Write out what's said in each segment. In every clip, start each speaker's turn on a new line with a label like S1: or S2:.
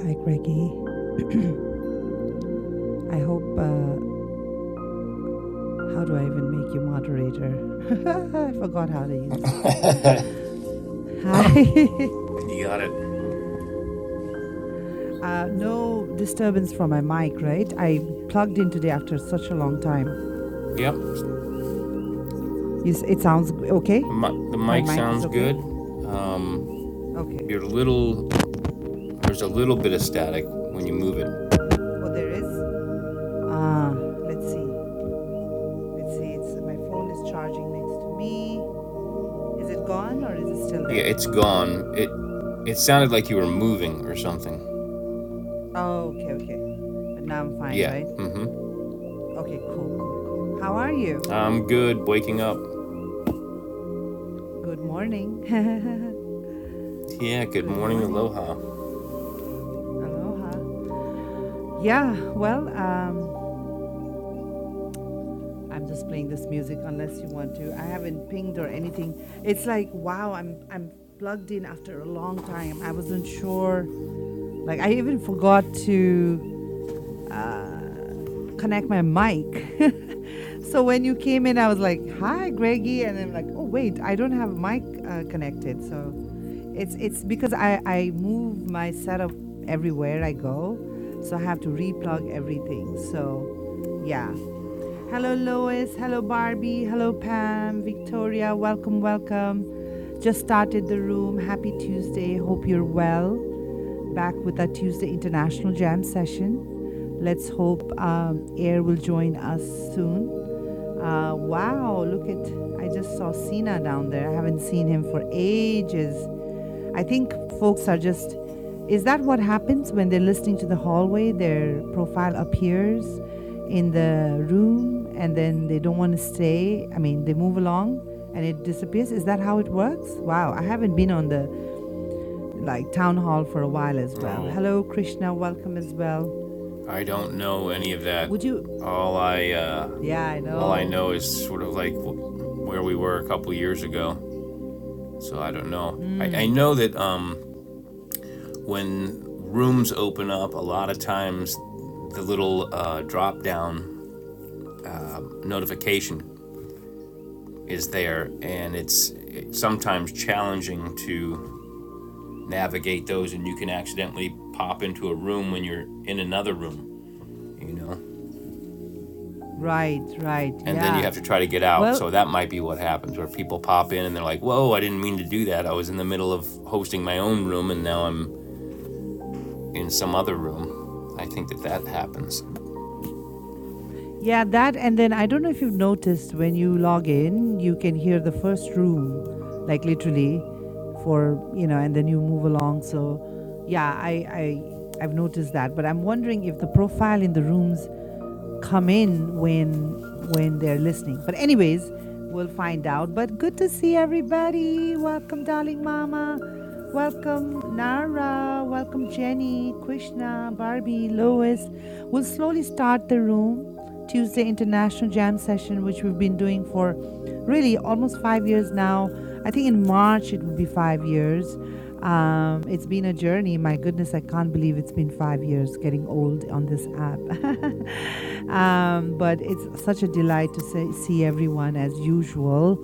S1: Hi, Greggy. I hope. Uh, how do I even make you moderator? I forgot how to use. Hi.
S2: You got it.
S1: uh, no disturbance from my mic, right? I plugged in today after such a long time.
S2: Yep.
S1: You s- it sounds okay?
S2: The, mi- the
S1: My
S2: mic
S1: mic is
S2: sounds
S1: okay?
S2: good. Um,
S1: Okay.
S2: your little there's a little bit of static when you move it.
S1: Oh, there is? Ah, let's see. Let's see. It's My phone is charging next to me. Is it gone or is it still
S2: Yeah, it's
S1: there?
S2: gone. It it sounded like you were moving or something.
S1: Oh, okay, okay. But now I'm fine,
S2: Yeah.
S1: right?
S2: Mm-hmm.
S1: Okay, cool, cool, cool. How are you?
S2: I'm good. Waking up.
S1: Good morning.
S2: Yeah. Good
S1: Good
S2: morning.
S1: morning.
S2: Aloha.
S1: Aloha. Yeah, well, um, I'm just playing this music unless you want to. I haven't pinged or anything. It's like, wow, I'm I'm plugged in after a long time. I wasn't sure. Like I even forgot to uh, connect my mic. so when you came in, I was like, "Hi, Greggy," and I'm like, "Oh wait, I don't have a mic uh, connected." So It's it's because I I move my setup everywhere I go, so I have to replug everything. So, yeah. Hello Lois, hello Barbie, hello Pam, Victoria, welcome, welcome. Just started the room. Happy Tuesday. Hope you're well. Back with our Tuesday International Jam session. Let's hope um, Air will join us soon. Uh, wow, look at I just saw Sina down there. I haven't seen him for ages. I think folks are just. Is that what happens when they're listening to the hallway? Their profile appears in the room and then they don't want to stay. I mean, they move along and it disappears. Is that how it works? Wow, I haven't been on the like town hall for a while as well.
S2: Oh,
S1: Hello, Krishna. Welcome as well.
S2: I don't know any of that.
S1: Would you?
S2: All I uh,
S1: Yeah, I
S2: all I know
S1: know.
S2: is sort of like wh- where we were a couple years ago. So I don't know. I, I
S1: Mm,
S2: know that um when rooms open up, a lot of times the little uh, drop down notification is there, and it's it's sometimes challenging to navigate those, and you can accidentally pop into a room when you're in another room, you know,
S1: right, right.
S2: and then you
S1: Yeah.
S2: have to try to get out.
S1: Well,
S2: So that might be what happens, where people pop in and they're like, "Whoa, I didn't mean to do that. I was in the middle of hosting my own room, and now I'm in some other room." I think that that happens.
S1: Yeah, that and then I don't know if you've noticed when you log in, you can hear the first room, like literally, for you know, and then you move along. So, yeah, I I I've noticed that, but I'm wondering if the profile in the rooms come in when when they're listening. But anyways, we'll find out. But good to see everybody. Welcome, darling mama. Welcome, Nara. Welcome, Jenny, Krishna, Barbie, Lois. We'll slowly start the room. Tuesday International Jam session, which we've been doing for really almost five years now. I think in March it will be five years. Um, it's been a journey. My goodness, I can't believe it's been five years getting old on this app. um, but it's such a delight to say, see everyone as usual.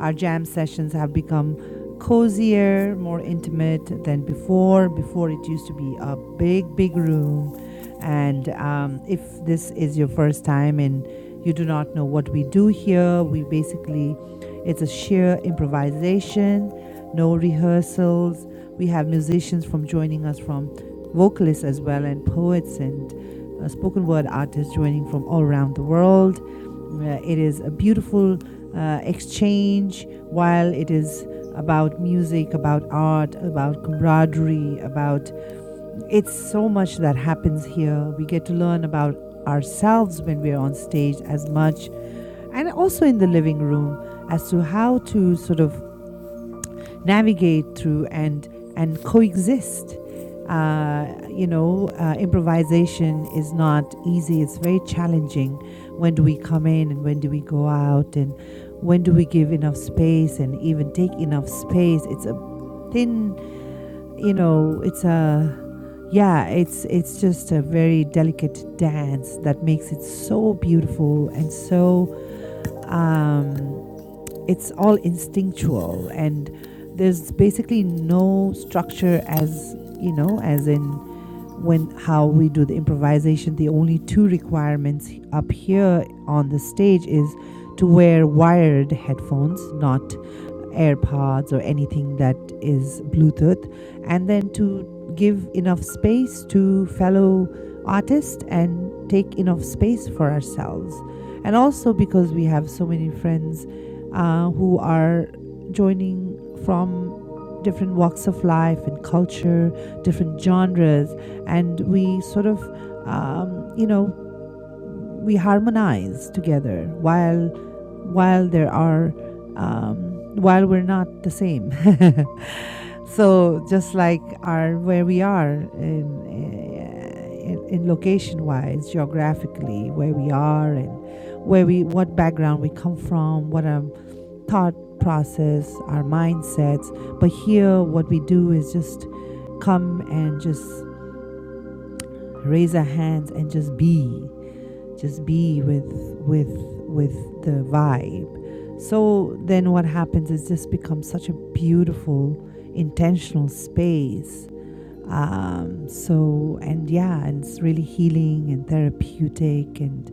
S1: Our jam sessions have become cozier, more intimate than before. Before, it used to be a big, big room. And um, if this is your first time and you do not know what we do here, we basically, it's a sheer improvisation no rehearsals, we have musicians from joining us from vocalists as well and poets and uh, spoken word artists joining from all around the world uh, it is a beautiful uh, exchange while it is about music about art about camaraderie about it's so much that happens here we get to learn about ourselves when we're on stage as much and also in the living room as to how to sort of navigate through and and coexist. Uh, you know, uh, improvisation is not easy. It's very challenging. When do we come in and when do we go out and when do we give enough space and even take enough space? It's a thin, you know, it's a yeah, it's it's just a very delicate dance that makes it so beautiful and so um, it's all instinctual, and there's basically no structure as you know, as in when how we do the improvisation. The only two requirements up here on the stage is to wear wired headphones, not AirPods or anything that is Bluetooth, and then to give enough space to fellow artists and take enough space for ourselves. And also because we have so many friends uh, who are joining from different walks of life and culture, different genres, and we sort of, um, you know, we harmonize together while while there are um, while we're not the same. so just like our where we are in, eh, in, in location wise, geographically, where we are and where we what background we come from, what our thought process, our mindsets. But here, what we do is just come and just raise our hands and just be just be with with with the vibe so then what happens is this becomes such a beautiful intentional space um, so and yeah and it's really healing and therapeutic and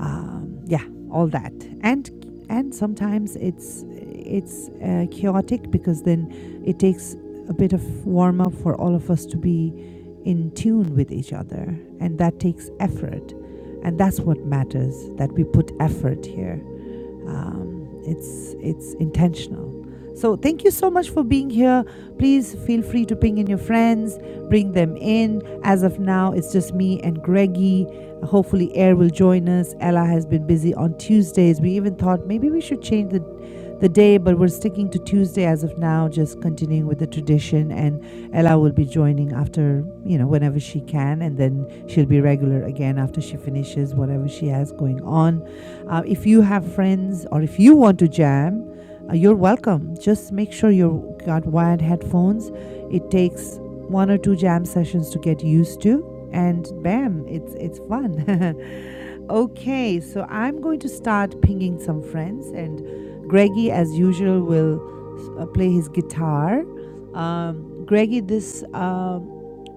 S1: um, yeah, all that. And and sometimes it's it's uh, chaotic because then it takes a bit of warm up for all of us to be in tune with each other, and that takes effort. And that's what matters that we put effort here um, it's it's intentional so thank you so much for being here please feel free to ping in your friends bring them in as of now it's just me and greggy hopefully air will join us ella has been busy on tuesdays we even thought maybe we should change the the day but we're sticking to tuesday as of now just continuing with the tradition and ella will be joining after you know whenever she can and then she'll be regular again after she finishes whatever she has going on uh, if you have friends or if you want to jam, uh, you're welcome. Just make sure you've got wired headphones. It takes one or two jam sessions to get used to, and bam, it's it's fun. Okay, so I'm going to start pinging some friends, and Greggy, as usual, will uh, play his guitar. Um, Greggy, this um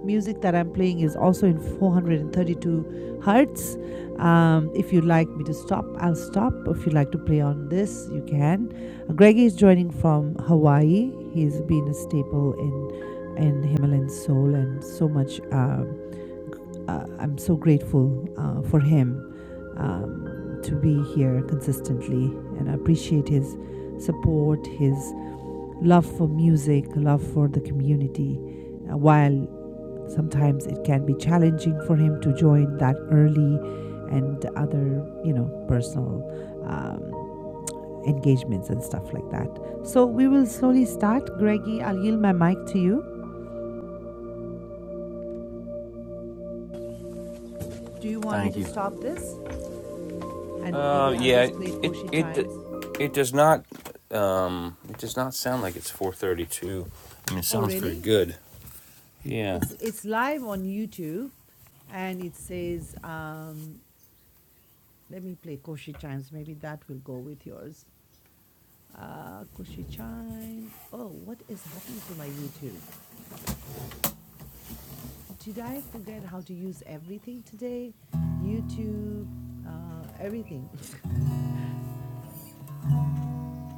S1: music that I'm playing is also in 432 hertz. Um, if you'd like me to stop, I'll stop. If you'd like to play on this, you can. Uh, Greggy is joining from Hawaii. He's been a staple in in Himalayan soul and so much. Um, uh, I'm so grateful uh, for him um, to be here consistently, and I appreciate his support, his love for music, love for the community. Uh, while sometimes it can be challenging for him to join that early, and other, you know, personal um, engagements and stuff like that. So we will slowly start. Greggy, I'll yield my mic to you. Do you want me
S2: Thank
S1: to
S2: you.
S1: stop this? And maybe
S2: Uh,
S1: I'll
S2: yeah,
S1: just play
S2: it
S1: Koshi
S2: it
S1: chimes.
S2: it does not um it does not sound like it's 432. I mean, it
S1: Oh,
S2: sounds very
S1: really?
S2: good. Yeah,
S1: It's it's live on YouTube, and it says, um, "Let me play Koshi Chimes." Maybe that will go with yours. Uh, Koshi Chimes. Oh, what is happening to my YouTube? Did I forget how to use everything today? YouTube, uh, everything.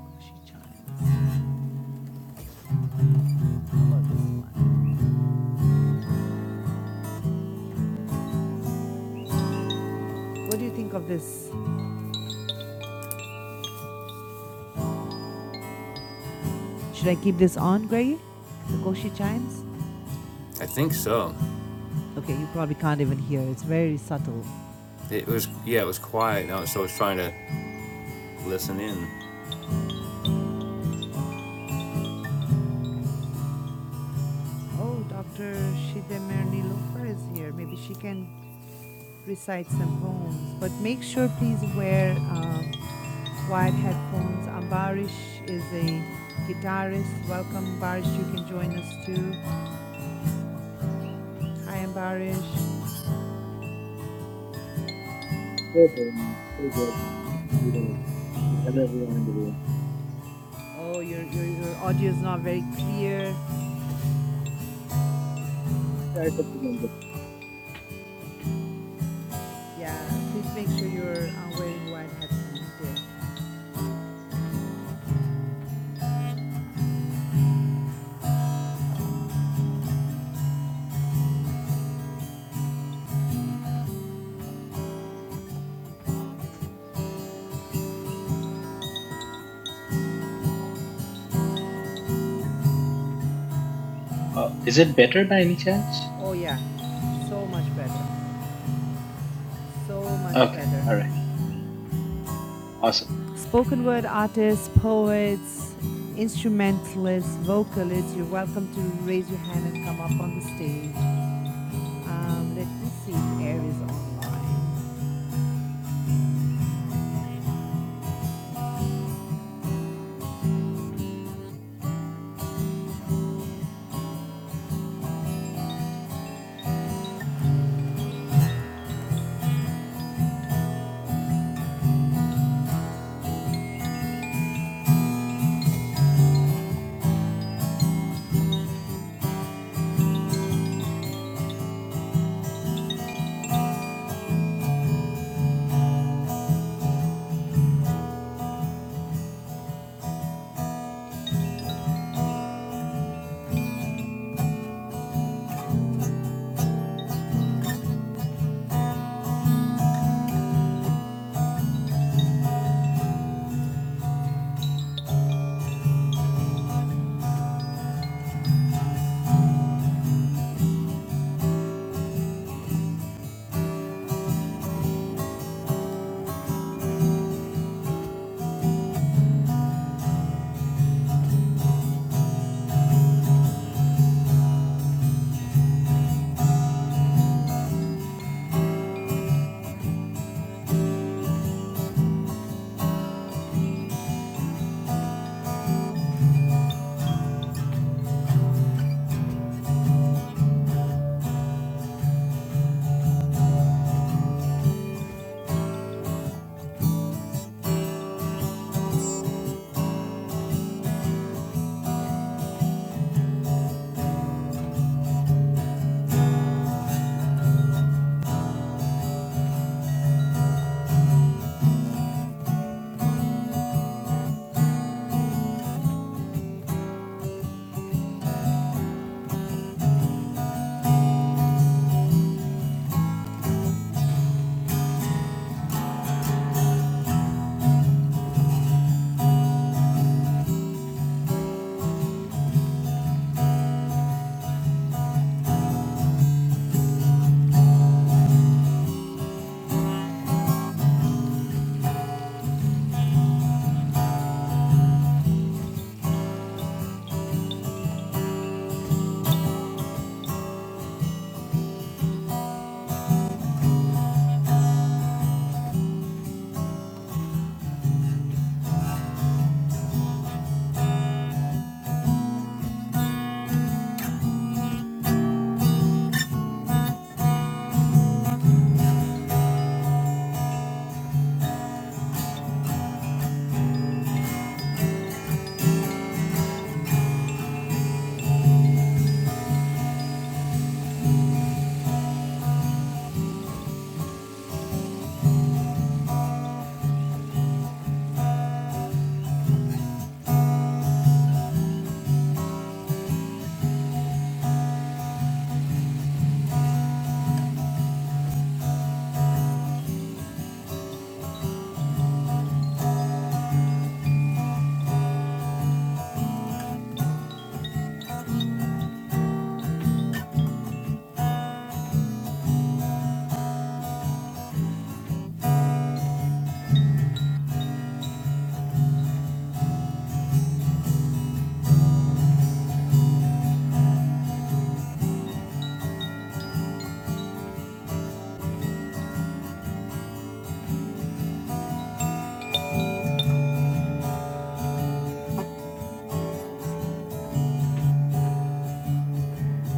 S1: Koshi Chimes. How about this one? What do you think of this? Should I keep this on, Greggy? The Koshi Chimes?
S2: I think so.
S1: Okay, you probably can't even hear. It's very subtle.
S2: It was yeah, it was quiet. Now, so I was trying to listen in.
S1: Oh, Dr. Shidemer Nilofar is here. Maybe she can recite some poems. But make sure, please, wear um, wide headphones. Ambarish is a guitarist. Welcome, Ambarish. You can join us too. Hi, Ambarish.
S3: Hey, Prerna. Hey, good. Good to see you guys. Good- Hello, everyone in the room.
S1: Oh, your, your, your audio is not very clear.
S3: Yeah, I said good good
S1: Yeah, please make sure you're uh, wearing wide headphones, dear.
S3: Uh, is it better by any chance?
S1: Oh, yeah. So much better. So much
S3: Okay,
S1: better.
S3: all right, awesome.
S1: spoken word artists, poets, instrumentalists, vocalists, you're welcome to raise your hand and come up on the stage. Um, let me see if air is online.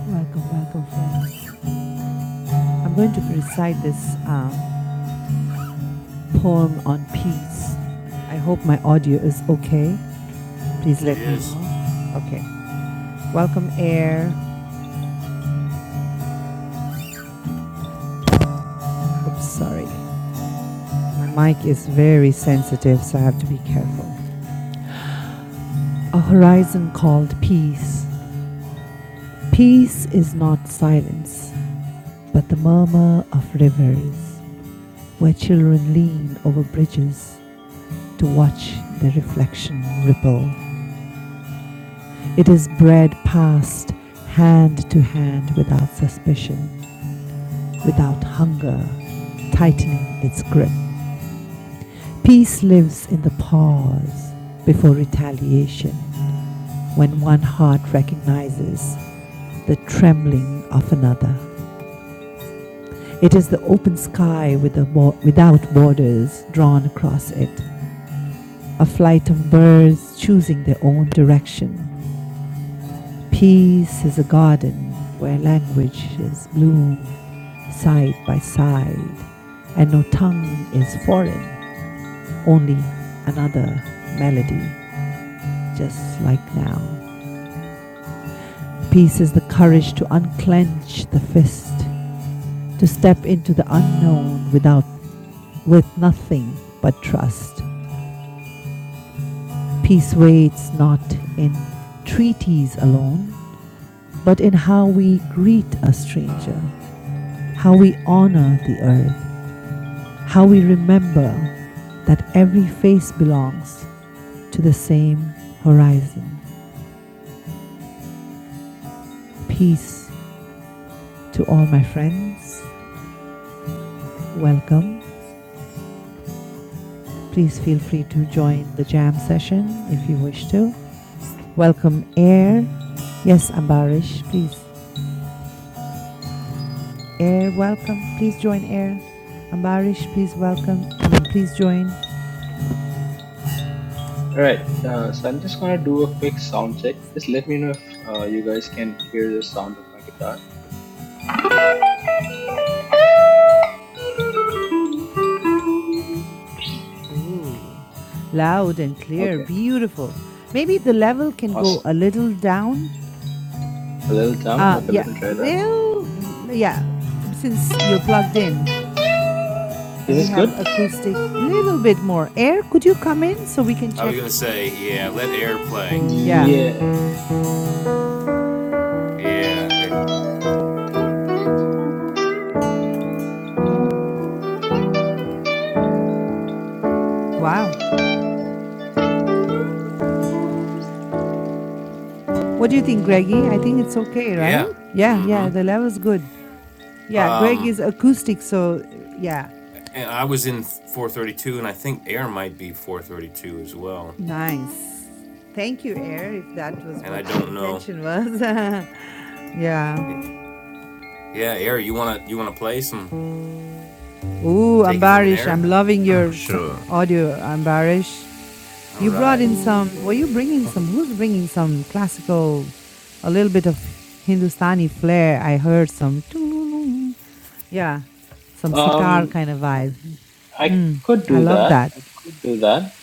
S1: Welcome, welcome, friends. I'm going to recite this um, poem on peace. I hope my audio is okay. Please
S2: It
S1: let me
S2: is.
S1: know. Okay. Welcome, air. Oops, sorry. My mic is very sensitive, so I have to be careful. A horizon called peace Peace is not silence, but the murmur of rivers, where children lean over bridges to watch their reflection ripple. It is bread passed hand to hand without suspicion, without hunger tightening its grip. Peace lives in the pause before retaliation, when one heart recognizes the trembling of another. It is the open sky with the bo- without borders drawn across it, a flight of birds choosing their own direction. Peace is a garden where languages bloom side by side, and no tongue is foreign, only another melody, just like now. Peace is the courage to unclench the fist, to step into the unknown without with nothing but trust Peace waits not in treaties alone, but in how we greet a stranger, how we honor the earth, how we remember that every face belongs to the same horizon. Peace to all my friends. Welcome. Please feel free to join the jam session if you wish to. Welcome, Air. Yes, Ambarish, please. Air, welcome. Please join Air. Ambarish, please welcome. I mean, please join.
S3: All right, uh, so I'm just gonna do a quick sound check. Just let me know if uh, you guys can hear the sound of my guitar.
S1: Ooh, loud and clear.
S3: Okay,
S1: Beautiful. Maybe the level can go
S3: awesome.
S1: a little down.
S3: A little down.
S1: Uh,
S3: Okay,
S1: yeah,
S3: let me try that.
S1: little, yeah, since you're plugged in and
S3: Is
S1: we
S3: this good?
S1: have acoustic, a little bit more. Air, could you come in so we can
S2: I was
S1: check?
S2: gonna say yeah,
S1: y-
S2: let air play.
S1: Yeah,
S3: Yeah.
S2: Yeah, they,
S1: wow. What do you think, Greggy? I think it's okay, right?
S2: yeah.
S1: Yeah, yeah,
S2: Mm-hmm.
S1: the level's good. Yeah, Greg is acoustic, so yeah,
S2: And I was in 432, and I think air might be 432 as well.
S1: Nice. Thank you, Air, if that was
S2: And I
S1: what your
S2: don't know.
S1: intention was. yeah.
S2: Yeah, air. You wanna you wanna play some?
S1: Ooh,
S2: Take it from
S1: Ambarish,
S2: there.
S1: I'm loving your s-
S4: Sure. sure.
S1: audio, Ambarish.
S2: All
S1: You brought
S2: right.
S1: in some, were you bringing some, who's bringing some classical, a little bit of Hindustani flair? I heard some, toolooloom. yeah, some sitar
S3: Um,
S1: kind of vibe.
S3: I
S1: Mm,
S3: could
S1: I
S3: do
S1: love
S3: that.
S1: that.
S3: I could do that.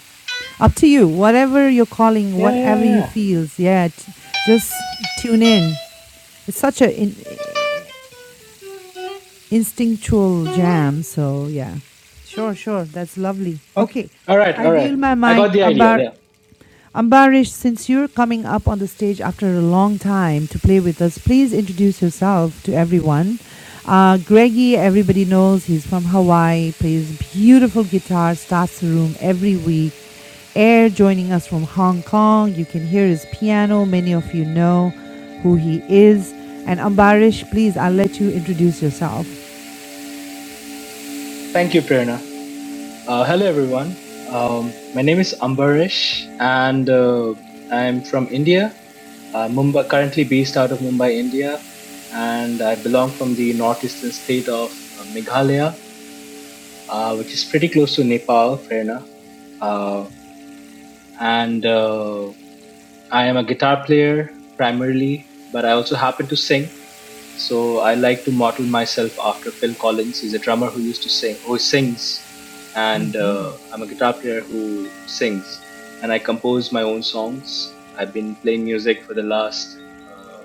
S1: Up to you, whatever you're calling,
S3: Yeah, yeah,
S1: whatever you
S3: yeah.
S1: feel. Yeah, t- just tune in. It's such a in, instinctual jam. So yeah, sure, sure. That's lovely.
S3: Okay.
S1: Okay,
S3: All right.
S1: I
S3: All
S1: yield
S3: right.
S1: my
S3: I got
S1: mic,
S3: the idea
S1: Ambar.
S3: there.
S1: Ambarish, since you're coming up on the stage after a long time to play with us, please introduce yourself to everyone. Uh, Greggy, everybody knows he's from Hawaii, plays beautiful guitar, starts the room every week. Air joining us from Hong Kong. You can hear his piano. Many of you know who he is. And Ambarish, please, I'll let you introduce yourself.
S3: Thank you, Prerna. Uh, hello, everyone. Um, my name is Ambarish, and uh, I'm from India. Uh, Mumbai, currently based out of Mumbai, India. and I belong from the northeastern state of uh, Meghalaya, uh, which is pretty close to Nepal, Prerna. Uh, and uh, I am a guitar player primarily, but I also happen to sing. So I like to model myself after Phil Collins. He's a drummer who used to sing, who sings, and uh, I'm a guitar player who sings. And I compose my own songs. I've been playing music for the last uh,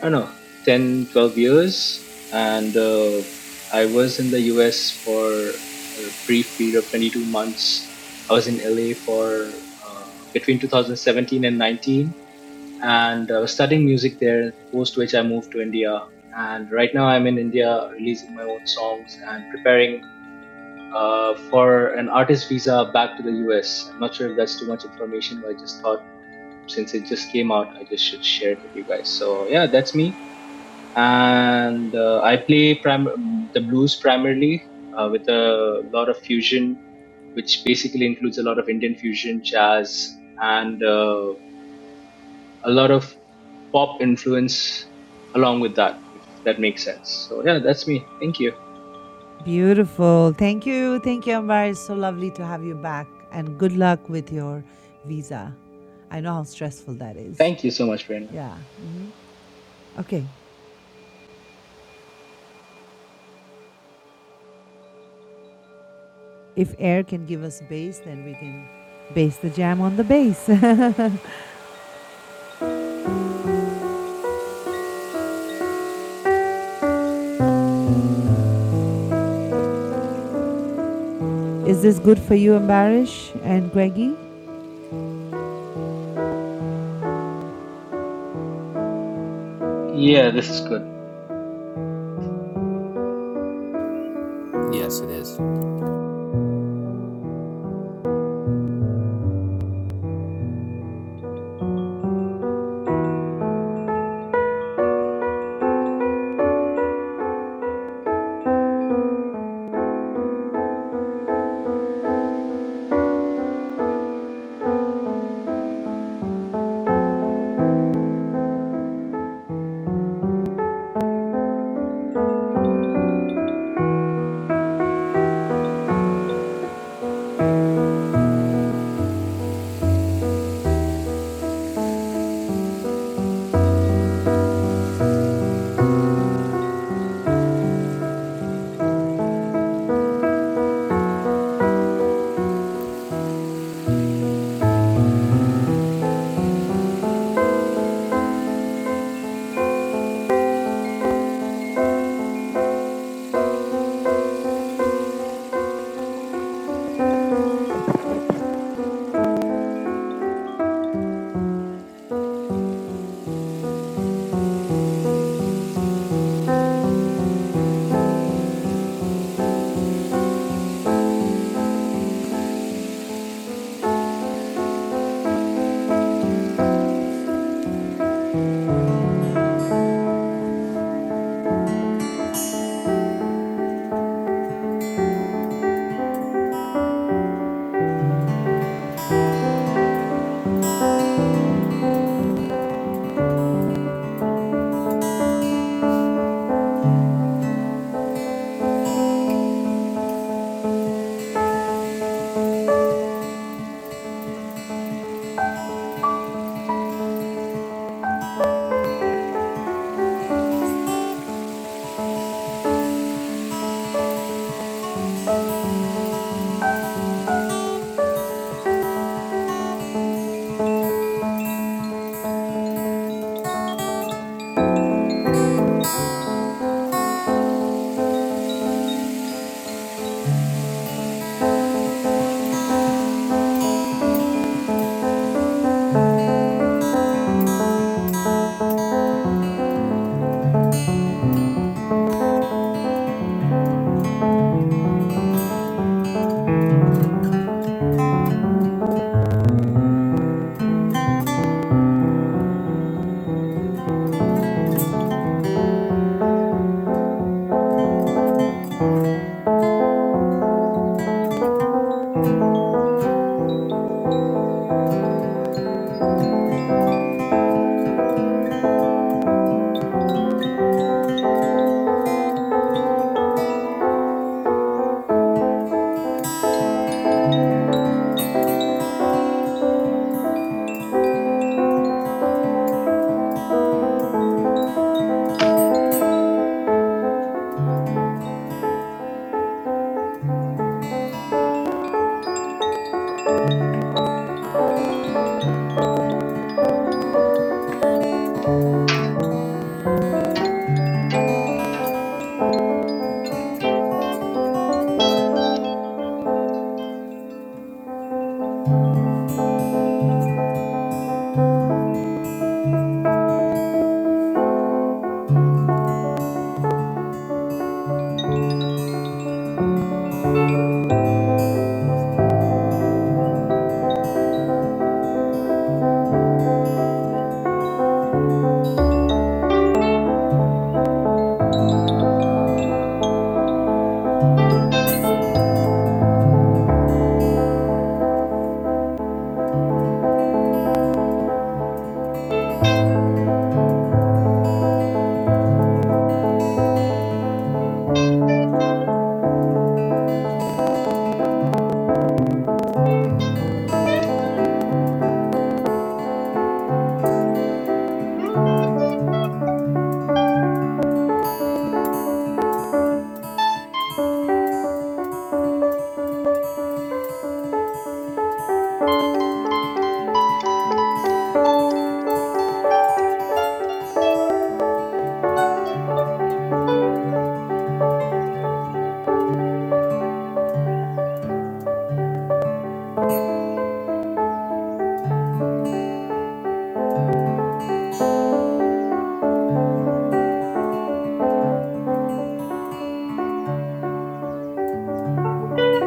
S3: I don't know, 10, 12 years. And uh, I was in the US for a brief period of 22 months. I was in LA for uh, between 2017 and 19. And I was studying music there, post which I moved to India. And right now I'm in India releasing my own songs and preparing uh, for an artist visa back to the US. I'm not sure if that's too much information, but I just thought since it just came out, I just should share it with you guys. So yeah, that's me and uh, I play prim- the blues primarily uh, with a lot of fusion, which basically includes a lot of Indian fusion, jazz, and uh, a lot of pop influence along with that, if that makes sense. So yeah, that's me. Thank you.
S1: Beautiful. Thank you. Thank you, Ambar. It's so lovely to have you back. And good luck with your visa. I know how stressful that is.
S3: Thank you so much, Prerna.
S1: Yeah. Okay. If air can give us bass, then we can base the jam on the bass. is this good for you, Ambarish and Greggy?
S3: Yeah, this is good.
S2: Yes, it is.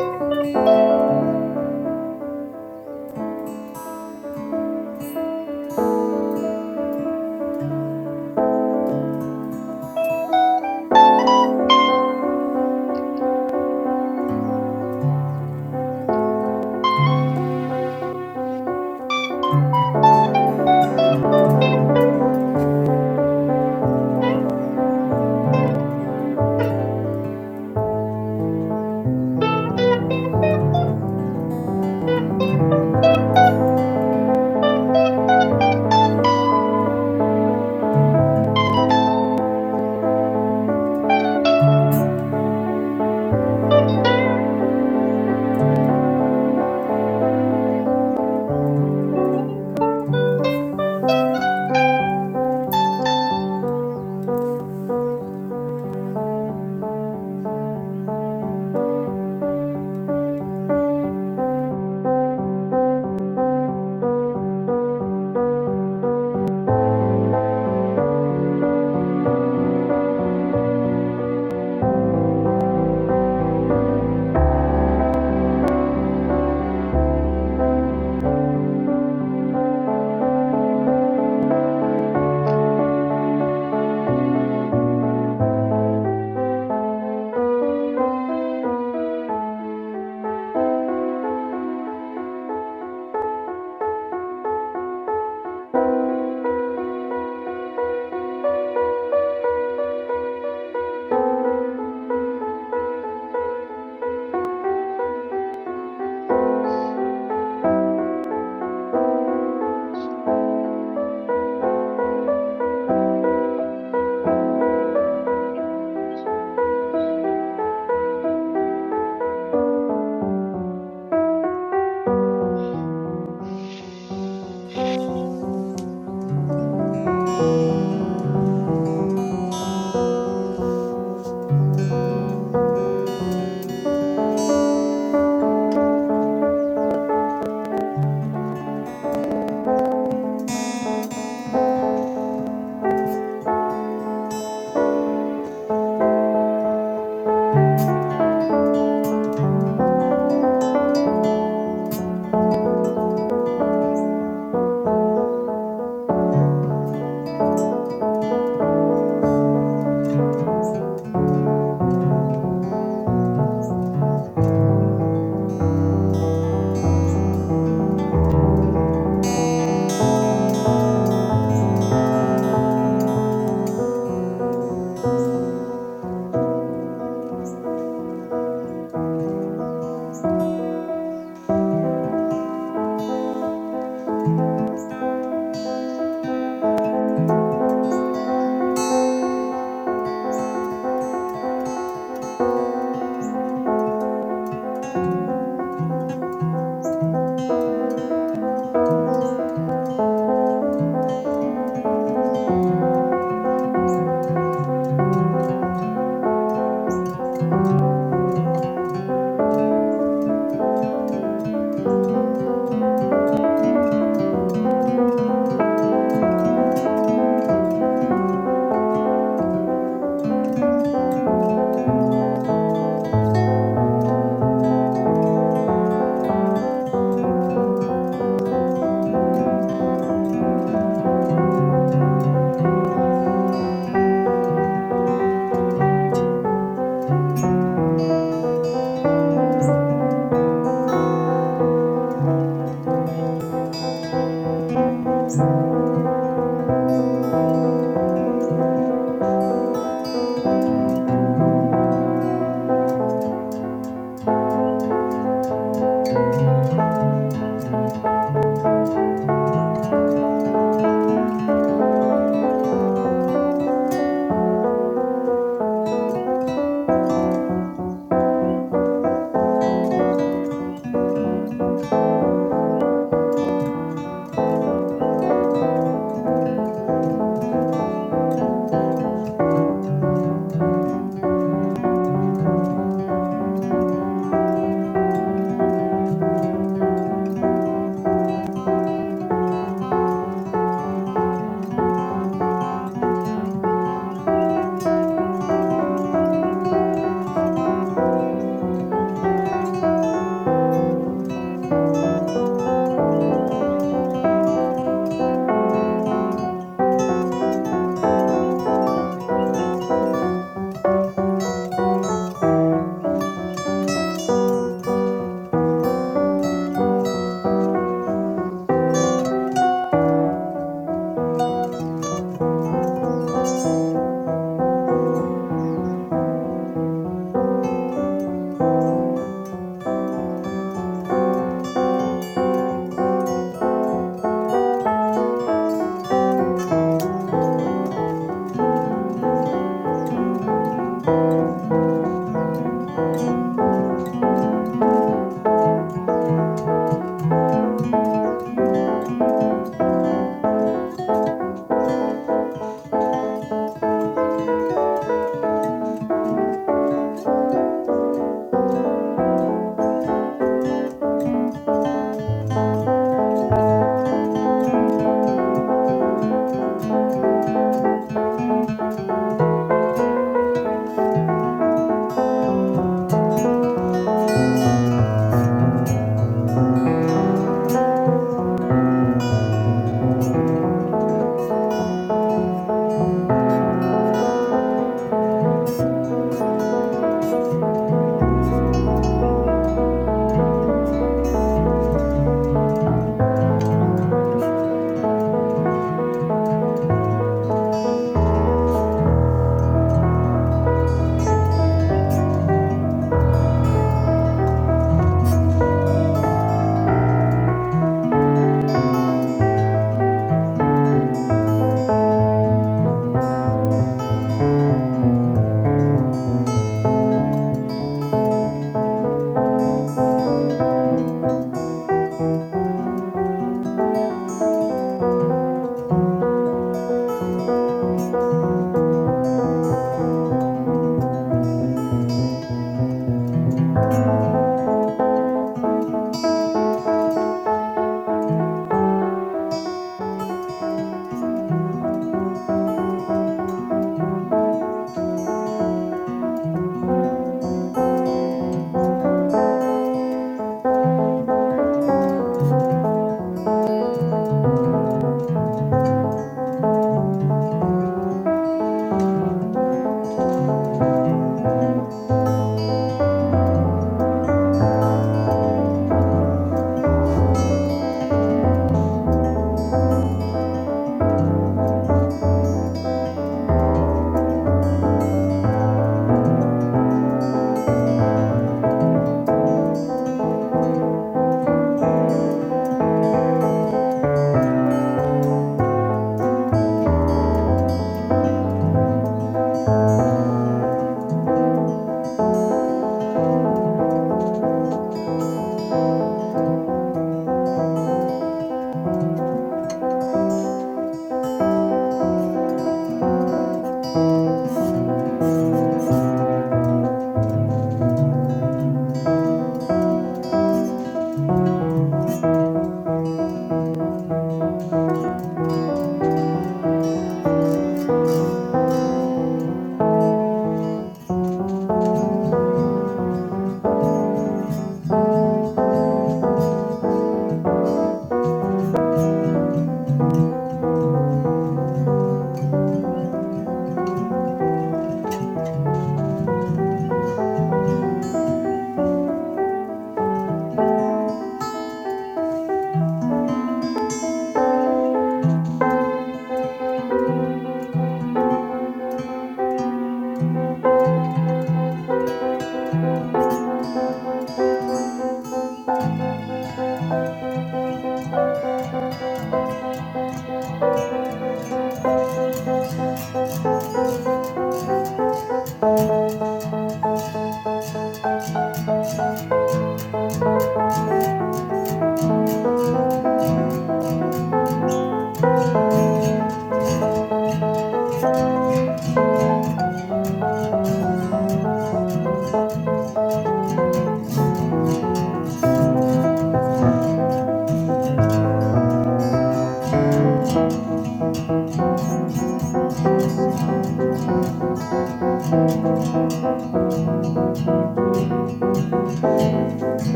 S3: Thank you.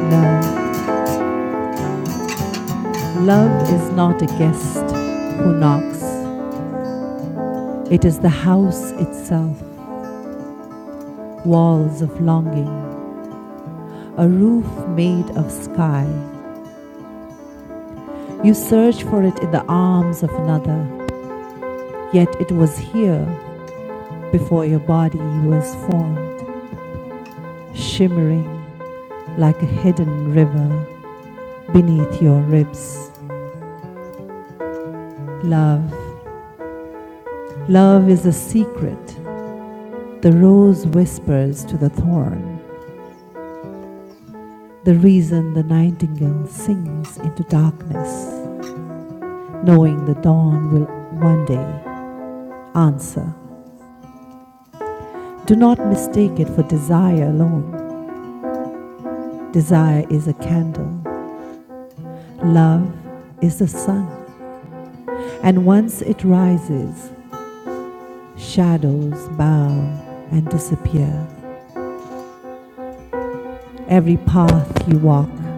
S1: Love. Love is not a guest who knocks, it is the house itself, walls of longing, a roof made of sky You search for it in the arms of another, yet it was here before your body was formed, shimmering like a hidden river beneath your ribs. Love, love is a secret. The rose whispers to the thorn, the reason the nightingale sings into darkness, knowing the dawn will one day answer. Do not mistake it for desire alone. Desire is a candle Love is the sun, and once it rises, shadows bow and disappear. Every path you walk,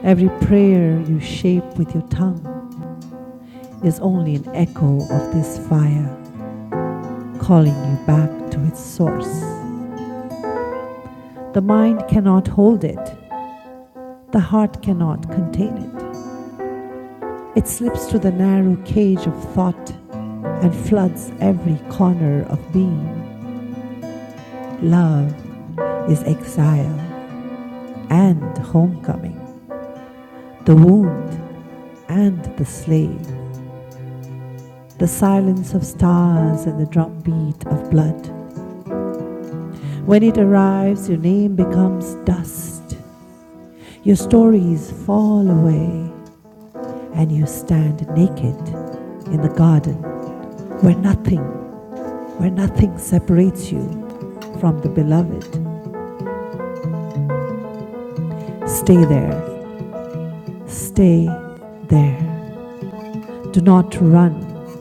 S1: every prayer you shape with your tongue is only an echo of this fire calling you back to its source. The mind cannot hold it, the heart cannot contain it. It slips through the narrow cage of thought and floods every corner of being. Love is exile and homecoming, the wound and the slave, the silence of stars and the drumbeat of blood. When it arrives, your name becomes dust, your stories fall away, and you stand naked in the garden where nothing, where nothing separates you from the beloved. Stay there, stay there. Do not run.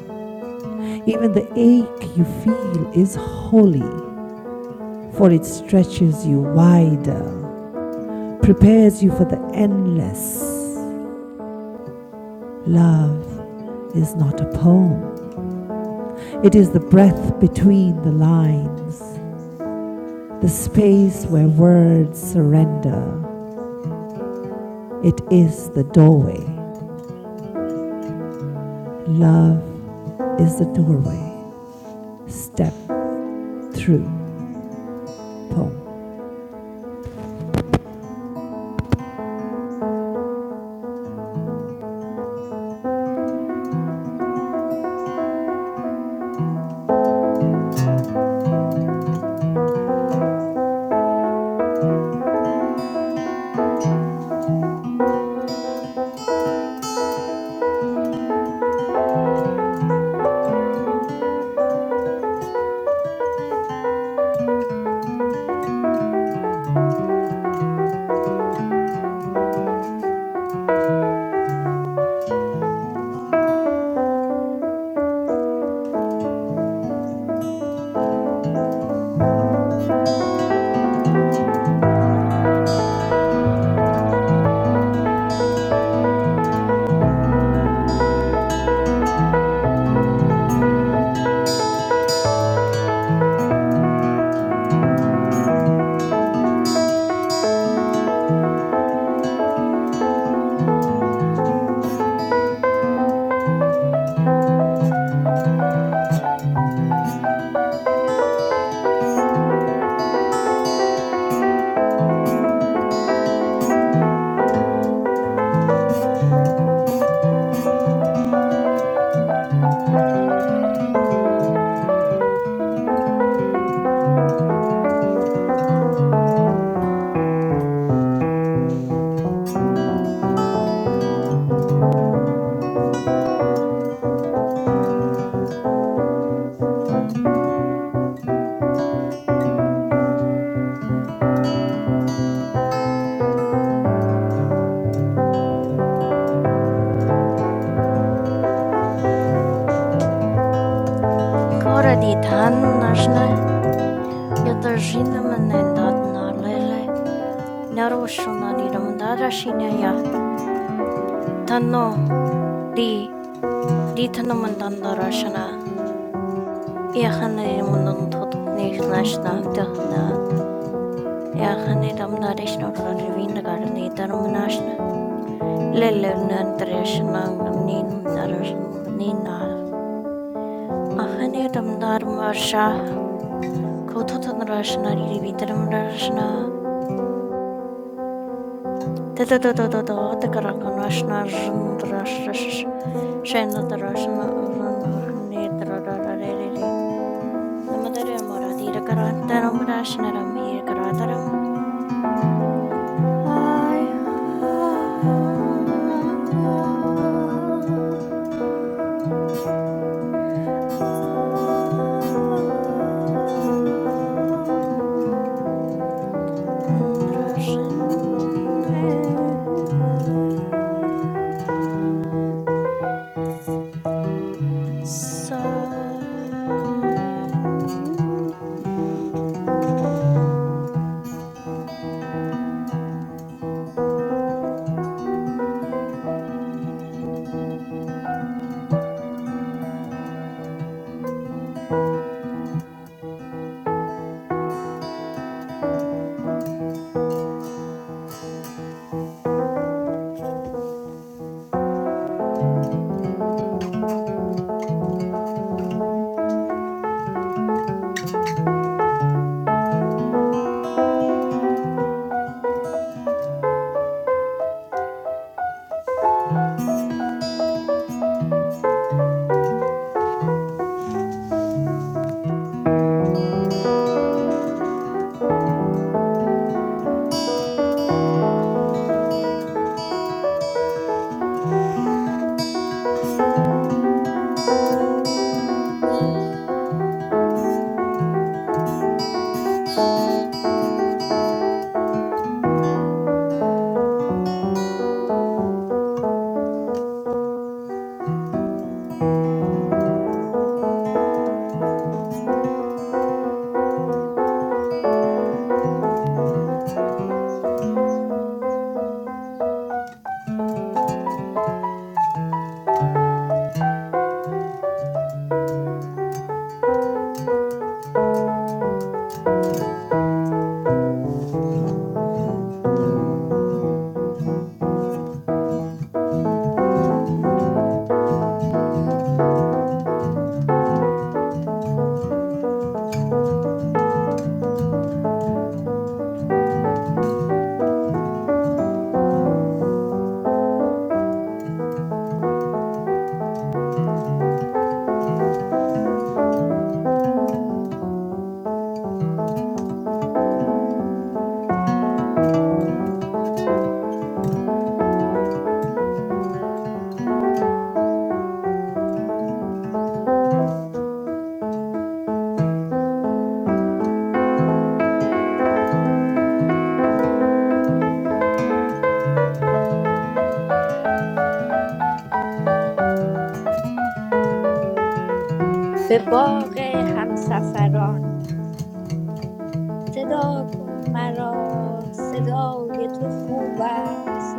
S1: Even the ache you feel is holy, for it stretches you wider, prepares you for the endless. Love is not a poem, it is the breath between the lines, the space where words surrender. It is the doorway. Love is the doorway. Step through poem.
S5: Kara di tanu nashna, ya tarzinda manendad narlele. Narosho nadi ram darashina ya tanu di di tanu mandanda rashna. Iakhane di mandanta kutkneishna dekhna. Iakhane di mandarishna orarivinda garne di ram nashna. Lele nandreshna ni mandarishna ni nar. Iakhane di mandar marsha kotha tanarashna rivinda ram nashna. Да-да-да-да-да-да, это каранганашна жндрашш шендрашна жндрнедрарарери. Намадаре марати ракарантарам рашнарам иракаратарам. Ая. Дрожин. Sun
S6: به باغ همسفران صدا کن مرا صدای تو خوب است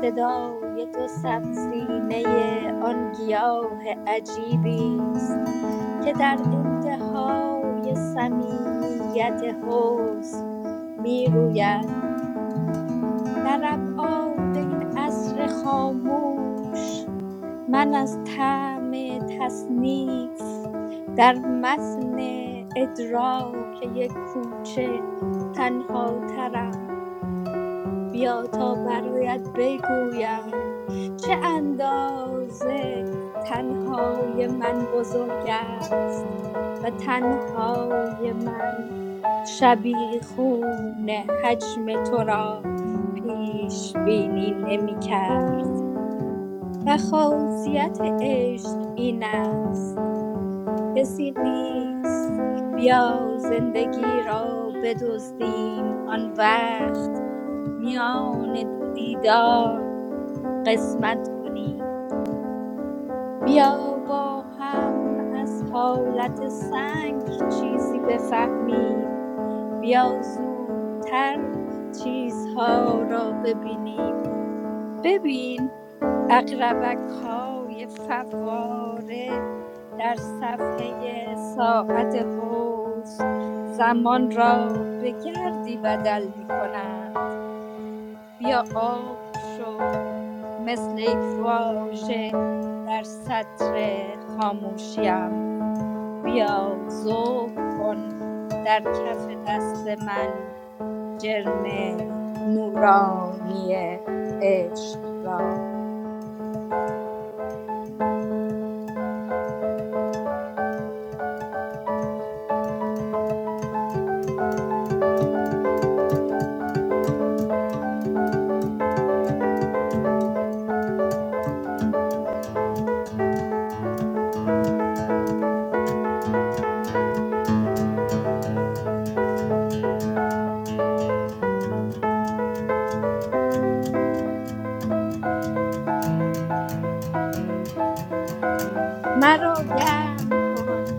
S6: صدای تو سبزینه آن گیاه عجیبی است که در انتهای صمیمیت حسن می روید در ابعاد این عصر خاموش من از طعم تصنیف در متن ادراک یک کوچه تنها ترم بیا تا برایت بگویم چه اندازه تنهای من بزرگ است و تنهای من شبیخون حجم تو را پیش بینی نمی کرد و خاصیت عشق این است کسی نیست بیا زندگی را بدزدیم آن وقت میان دو دیدار قسمت کنیم بیا با هم از حالت سنگ چیزی بفهمیم بیا زودتر چیزها را ببینیم ببین اقربک های فواره در صفحه ساعت حوز زمان را به گردی بدل می کنند بیا آب شو مثل یک واژه در سطر خاموشیم بیا ذوب کن در کف دست من جرم نورانی عشق را مرا گرم کن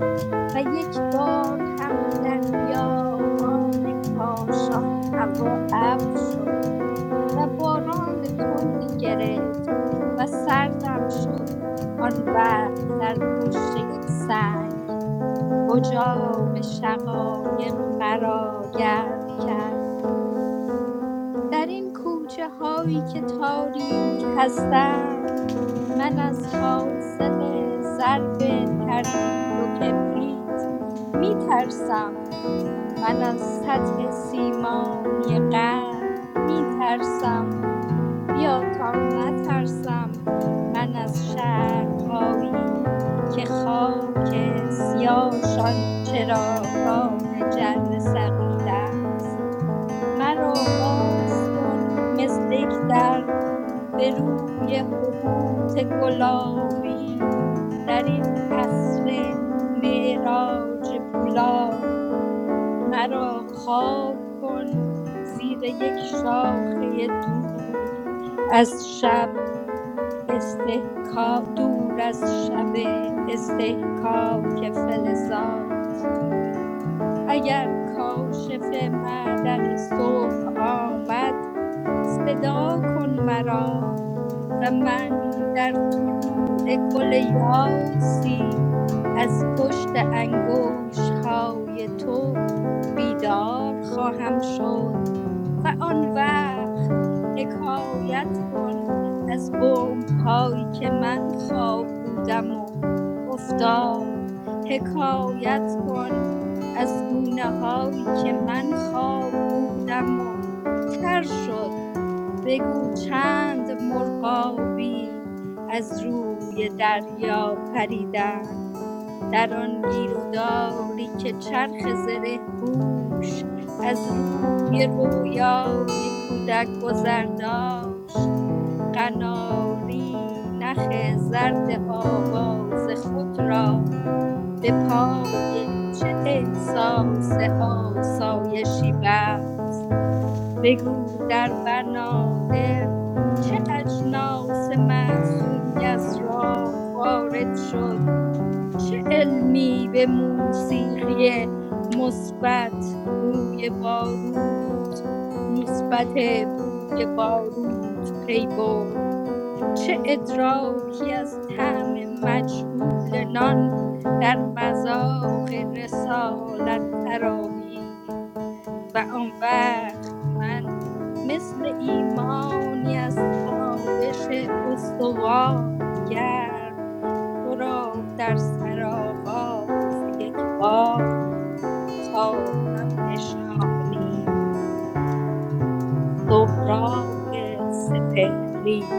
S6: و یک بار هم در بیابان کاشان هوا ابر شد و باران تندی گرفت و سردم شد آن وقت در پشت یک سنگ اجاق شقایق مرا گرم کرد در این کوچه هایی که تاریک هستند من از حاصل ضرب تردید و کبریت می ترسم من از سطح سیمانی قرن می ترسم بیا تا نترسم من از شهرهایی که خاک سیاهشان چراگاه جر سقیل مرا باز کن مثل یک در به روی حبوط گلابی در این عصر معراج پولاد مرا خواب کن زیر یک شاخه دور از شب استحکا دور از شب استحکاک فلزاد اگر کاشف معدن صبح آمد صدا کن مرا و من در طلوع گل یاسی از پشت انگوش های تو بیدار خواهم شد و آن وقت حکایت کن از بوم هایی که من خواب بودم و افتاد حکایت کن از گونه هایی که من خواب بودم و تر شد بگو چند مرغابی از روی دریا پریدند در آن گیروداری که چرخ زره پوش از روی رویای کودک گذر داشت قناری نخ زرد آواز خود را به پای چه احساس آسایشی بست بگو در بنادر چه اجناس معصومی از راه وارد شد چه علمی به موسیقی مثبت بوی بارود مثبت بوی بارود پی برد چه ادراکی از طعم مجهول نان در مذاق رسالت تراوید و آن وقت من مثل ایمانی از تابش استوا گرم تو را در سرآغاز یک باغ خواهم نشانید سهراب سپهری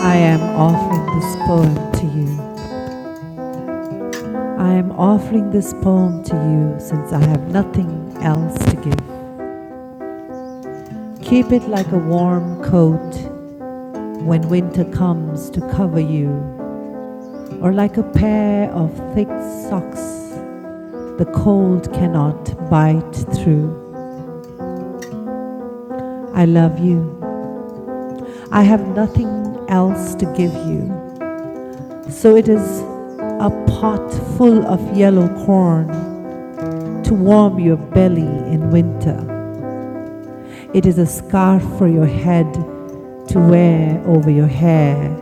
S1: I am offering this poem to you I am offering this poem to you since I have nothing else to give. Keep it like a warm coat when winter comes to cover you, or like a pair of thick socks the cold cannot bite through. I love you. I have nothing else to give you. So it is a pot full of yellow corn to warm your belly in winter. It is a scarf for your head to wear over your hair,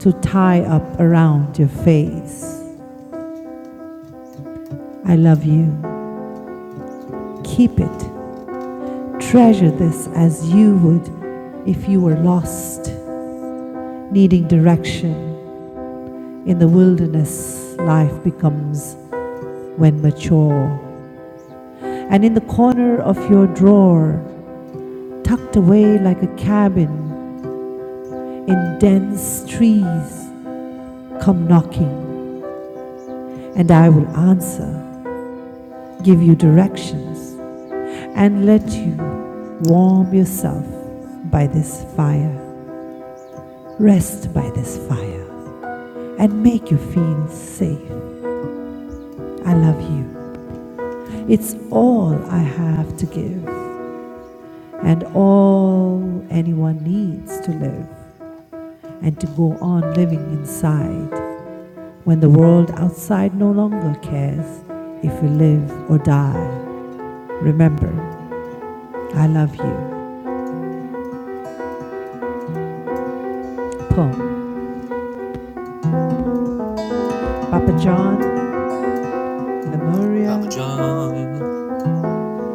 S1: to tie up around your face. I love you. Keep it. Treasure this as you would if you were lost, needing direction. In the wilderness, life becomes when mature. And in the corner of your drawer, tucked away like a cabin in dense trees, come knocking. and I will answer, give you directions, and let you warm yourself by this fire, rest by this fire, and make you feel safe. I love you. It's all I have to give, and all anyone needs to live and to go on living inside when the world outside no longer cares if you live or die. Remember, I love you. poem. Papa John,
S2: Papa
S1: Lemuria,
S2: John.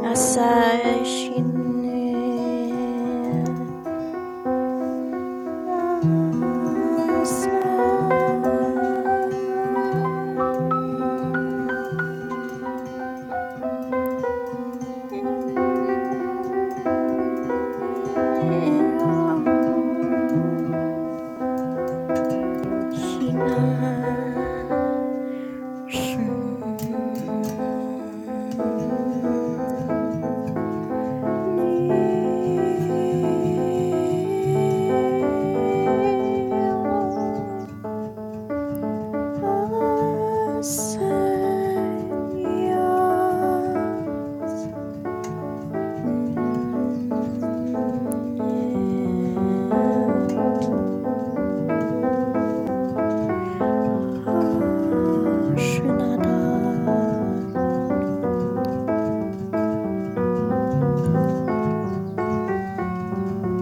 S5: Asashine Asan Hina Ashinadar.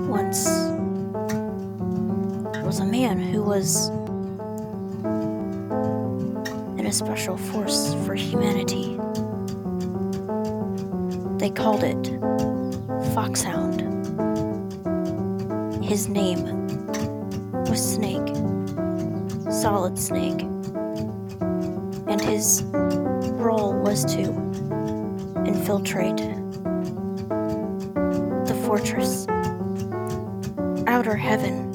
S5: Once there was a man who was and a special force for humanity. They called it Foxhound. His name was Snake, Solid Snake, and his role was to infiltrate the fortress, outer heaven,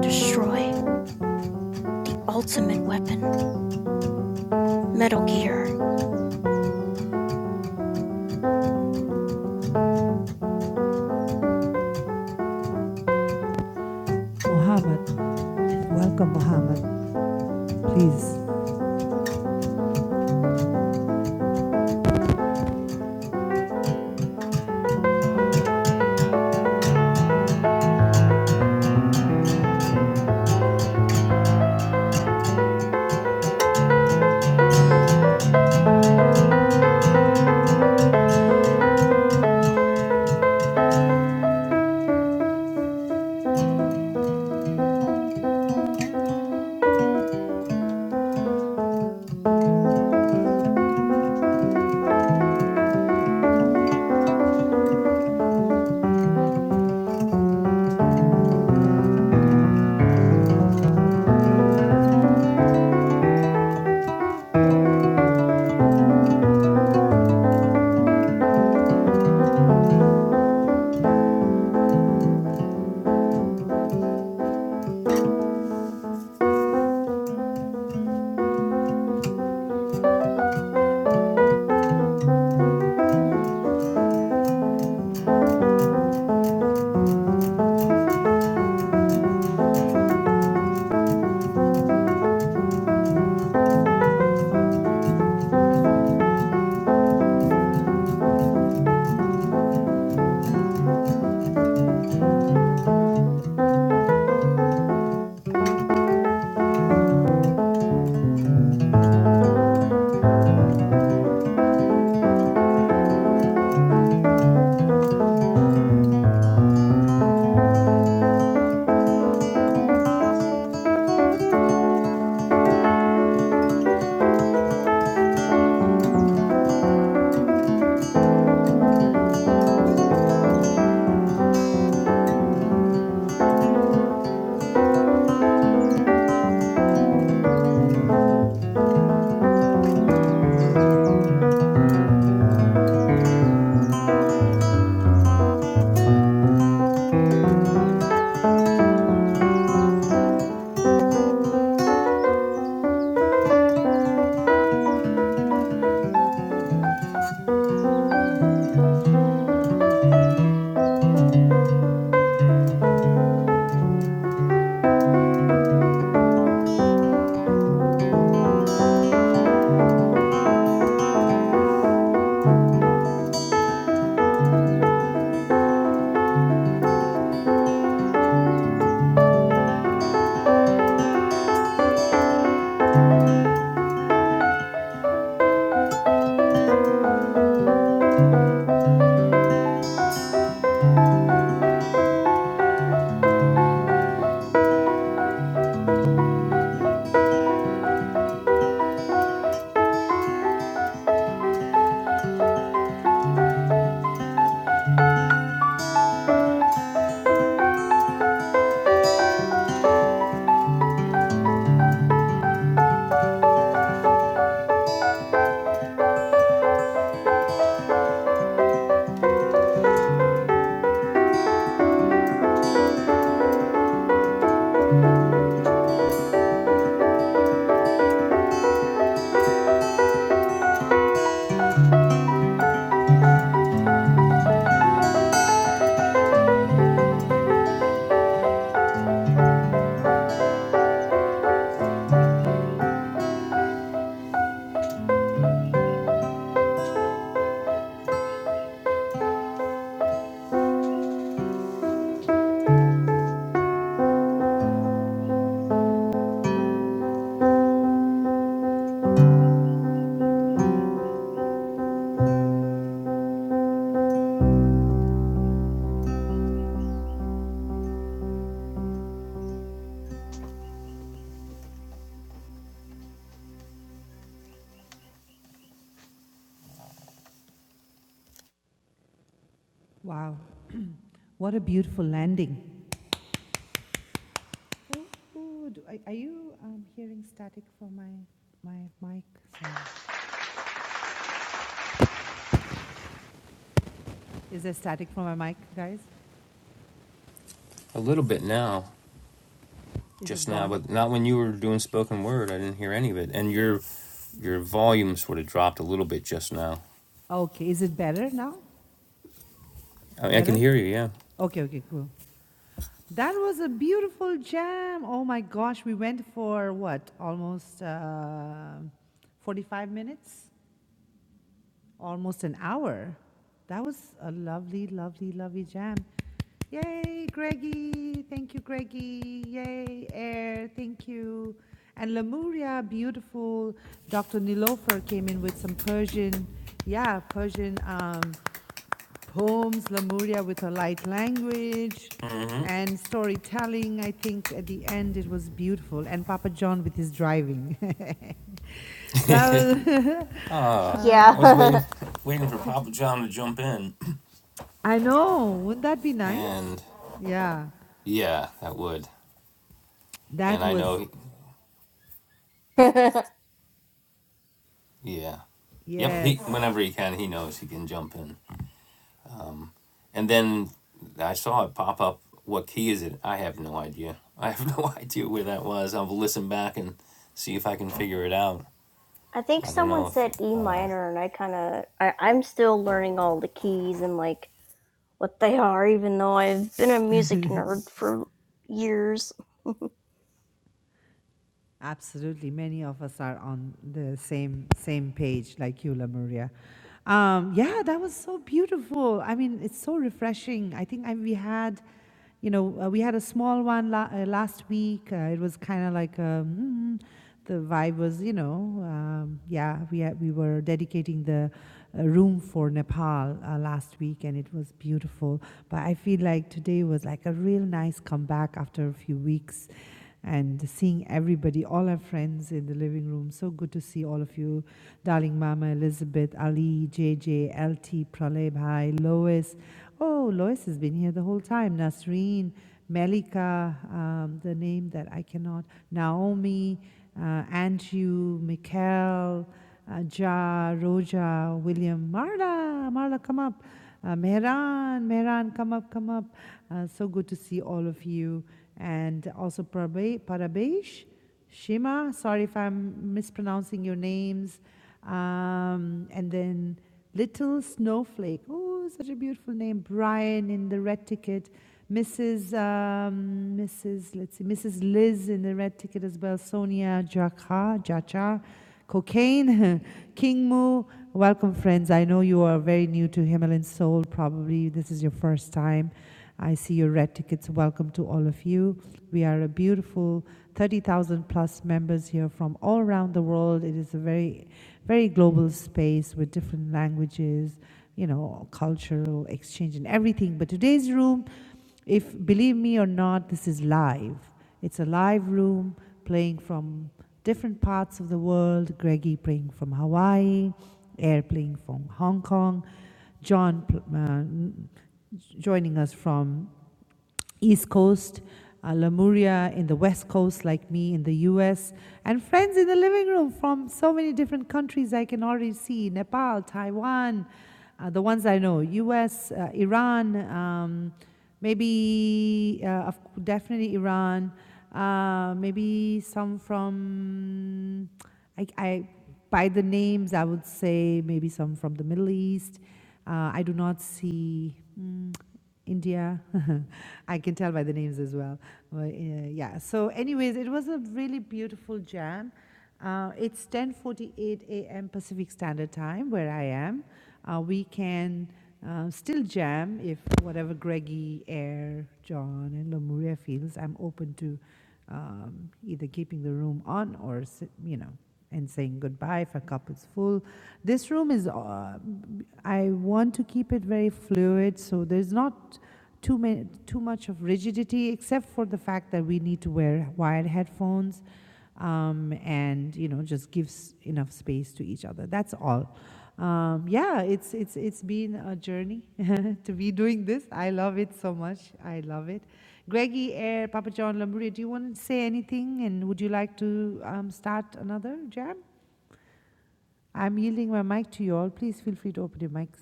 S5: destroy the ultimate weapon, Metal Gear.
S1: Muhammad. Welcome, Muhammad. Please. Wow. What a beautiful landing. Ooh, ooh, do, are, are you um, hearing static from my my mic? Is there static from my mic, guys?
S2: A little bit now,
S1: Is it
S2: just now,
S1: gone?
S2: but not when you were doing spoken word. I didn't hear any of it, and your your volume sort of dropped a little bit just now.
S1: Okay. Is it better now?
S2: I, mean, I can
S1: Better?
S2: hear you, yeah.
S1: Okay, okay, cool. That was a beautiful jam. Oh my gosh. We went for what? Almost uh, 45 minutes? almost an hour. That was a lovely, lovely, lovely jam. Yay, Greggy. Thank you, Greggy. Yay, Air. Thank you. And Lemuria, beautiful. Dr. Nilofer came in with some Persian, yeah, Persian um, poems. Lemuria with her light language
S2: Mhm.
S1: and storytelling. I think at the end it was beautiful. And Papa John with his driving. that was.
S2: I was
S1: ah.
S5: Yeah.
S2: waiting, waiting for Papa John to jump in,
S1: I know. Wouldn't that be nice?
S2: and
S1: Yeah.
S2: yeah, that would.
S1: That
S2: And I
S1: was
S2: know,
S5: I
S2: he, yeah, yep. He
S1: yes.
S2: whenever he can, he knows he can jump in. And then I saw it pop up. What key is it? I have no idea. I have no idea where that was. I'll listen back and see if I can figure it out.
S5: think
S2: I don't
S5: someone
S2: know if
S5: said E minor, and I kind of I I'm still learning all the keys and like what they are, even though I've been a music nerd for years.
S1: Absolutely. Many of us are on the same same page like you, La Maria. Um, yeah, that was so beautiful. I mean, it's so refreshing. I think I, we had you know, uh, we had a small one la- uh, last week. Uh, it was kind of like um, mm-hmm, the vibe was, you know, um, yeah, we had, we were dedicating the uh, room for Nepal uh, last week, and it was beautiful. But I feel like today was like a real nice comeback after a few weeks and seeing everybody, all our friends in the living room. So good to see all of you, darling Mama, Elizabeth, Ali, JJ, LT, Pralay Bhai, Lois. Oh, Lois has been here the whole time. Nasreen, Melika, um, the name that I cannot, Naomi, uh, Andrew, Mikhail, uh, Ja, Roja, William, Marla, Marla, come up. Uh, Mehran, Mehran, come up, come up. Uh, so good to see all of you and also Prabe- Parabesh, Shima. Sorry if I'm mispronouncing your names. Um, and then Little Snowflake. Oh, such a beautiful name. Brian in the red ticket. Mrs. Um, Mrs. Let's see, Mrs. Liz in the red ticket as well. Sonia Jacha, Jacha, Cocaine, King Mu. Welcome, friends. I know you are very new to Himalayan Soul. Probably this is your first time. I see your red tickets. Welcome to all of you. We are a beautiful 30,000 plus members here from all around the world. It is a very, very global space with different languages, you know, cultural exchange and everything. But today's room, if believe me or not, this is live. It's a live room playing from different parts of the world. Greggy playing from Hawaii, Air playing from Hong Kong, John pl- joining us from East Coast, uh, Lemuria in the West Coast, like me in the US, and friends in the living room from so many different countries I can already see Nepal, Taiwan, uh, the ones I know, US, uh, Iran, um, maybe, uh, definitely Iran, uh, maybe some from, I, I, by the names, I would say maybe some from the Middle East. Uh, I do not see mm, India. I can tell by the names as well. But, uh, yeah. So, anyways, it was a really beautiful jam. Uh, it's 10:48 a.m. Pacific Standard Time where I am. Uh, we can uh, still jam if whatever Greggy, Air, John, and Lemuria feels. I'm open to um, either keeping the room on or s- you know and saying goodbye if a cup is full. This room is. Uh, I want to keep it very fluid, so there's not too many, too much of rigidity, except for the fact that we need to wear wired headphones, um, and you know, just gives enough space to each other. That's all. Um, yeah, it's it's it's been a journey to be doing this. I love it so much. I love it. Greggy Air, Papa John Lamburia, do you want to say anything? And would you like to um, start another jam? I'm yielding my mic to you all. Please feel free to open your mics.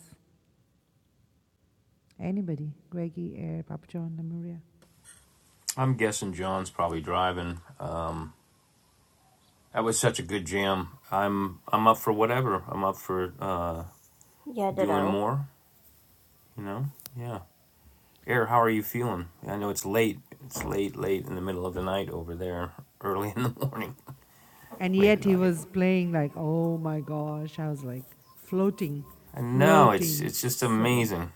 S1: Anybody, Greggy Air, Papa John Lemuria.
S2: I'm guessing John's probably driving. Um, that was such a good jam. I'm I'm up for whatever. I'm up for uh,
S5: Yeah,
S2: doing
S5: ditto.
S2: more. You know, yeah. Air, how are you feeling? I know it's late. It's late, late in the middle of the night over there. Early in the morning,
S1: And
S2: late
S1: yet
S2: at
S1: he
S2: night.
S1: was playing like, oh my gosh. I was like floating,
S2: I know it's
S1: floating.
S2: it's just
S1: So,
S2: amazing.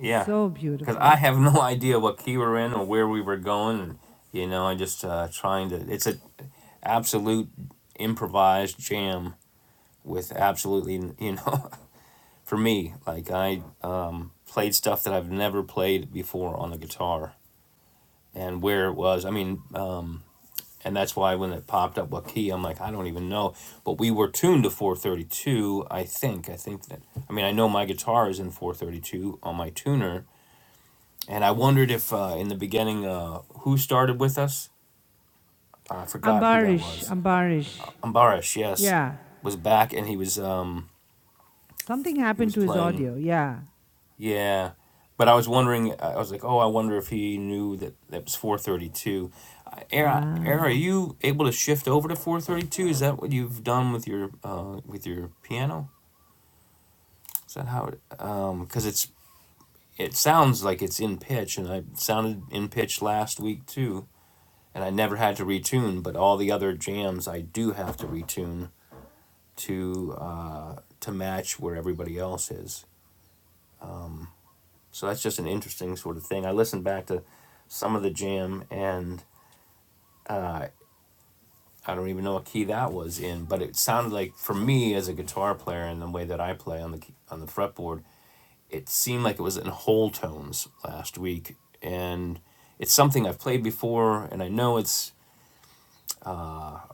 S2: Yeah,
S1: so
S2: because I
S1: beautiful.
S2: have no idea what key we're in or where we were going. And, you know, I just uh, trying to. It's a absolute improvised jam with absolutely you know for me like i um, played stuff that i've never played before on the guitar and where it was i mean um, and that's why when it popped up what key i'm like i don't even know but we were tuned to 432 i think i think that i mean i know my guitar is in 432 on my tuner and i wondered if uh, in the beginning uh, who started with us i forgot who that
S1: Ambarish,
S2: was
S1: Ambarish.
S2: ambarish yes
S1: Yeah.
S2: was back and he was um,
S1: Something
S2: he
S1: happened
S2: was
S1: to his
S2: playing
S1: audio. Yeah.
S2: Yeah, but I was wondering. I was like, oh, I wonder if he knew that that was four thirty two. Aaron, Aaron,
S1: Ah,
S2: are you able to shift over to four thirty two? Is that what you've done with your uh with your piano? Is that how it? Um, because it's it sounds like it's in pitch, and I sounded in pitch last week too, and I never had to retune. But all the other jams, I do have to retune to uh to match where everybody else is. So that's just an interesting sort of thing. I listened back to some of the jam and I don't even know what key that was in, but it sounded like for me as a guitar player and the way that I play on the on the fretboard, it seemed like it was in whole tones last week and it's something I've played before and I know it's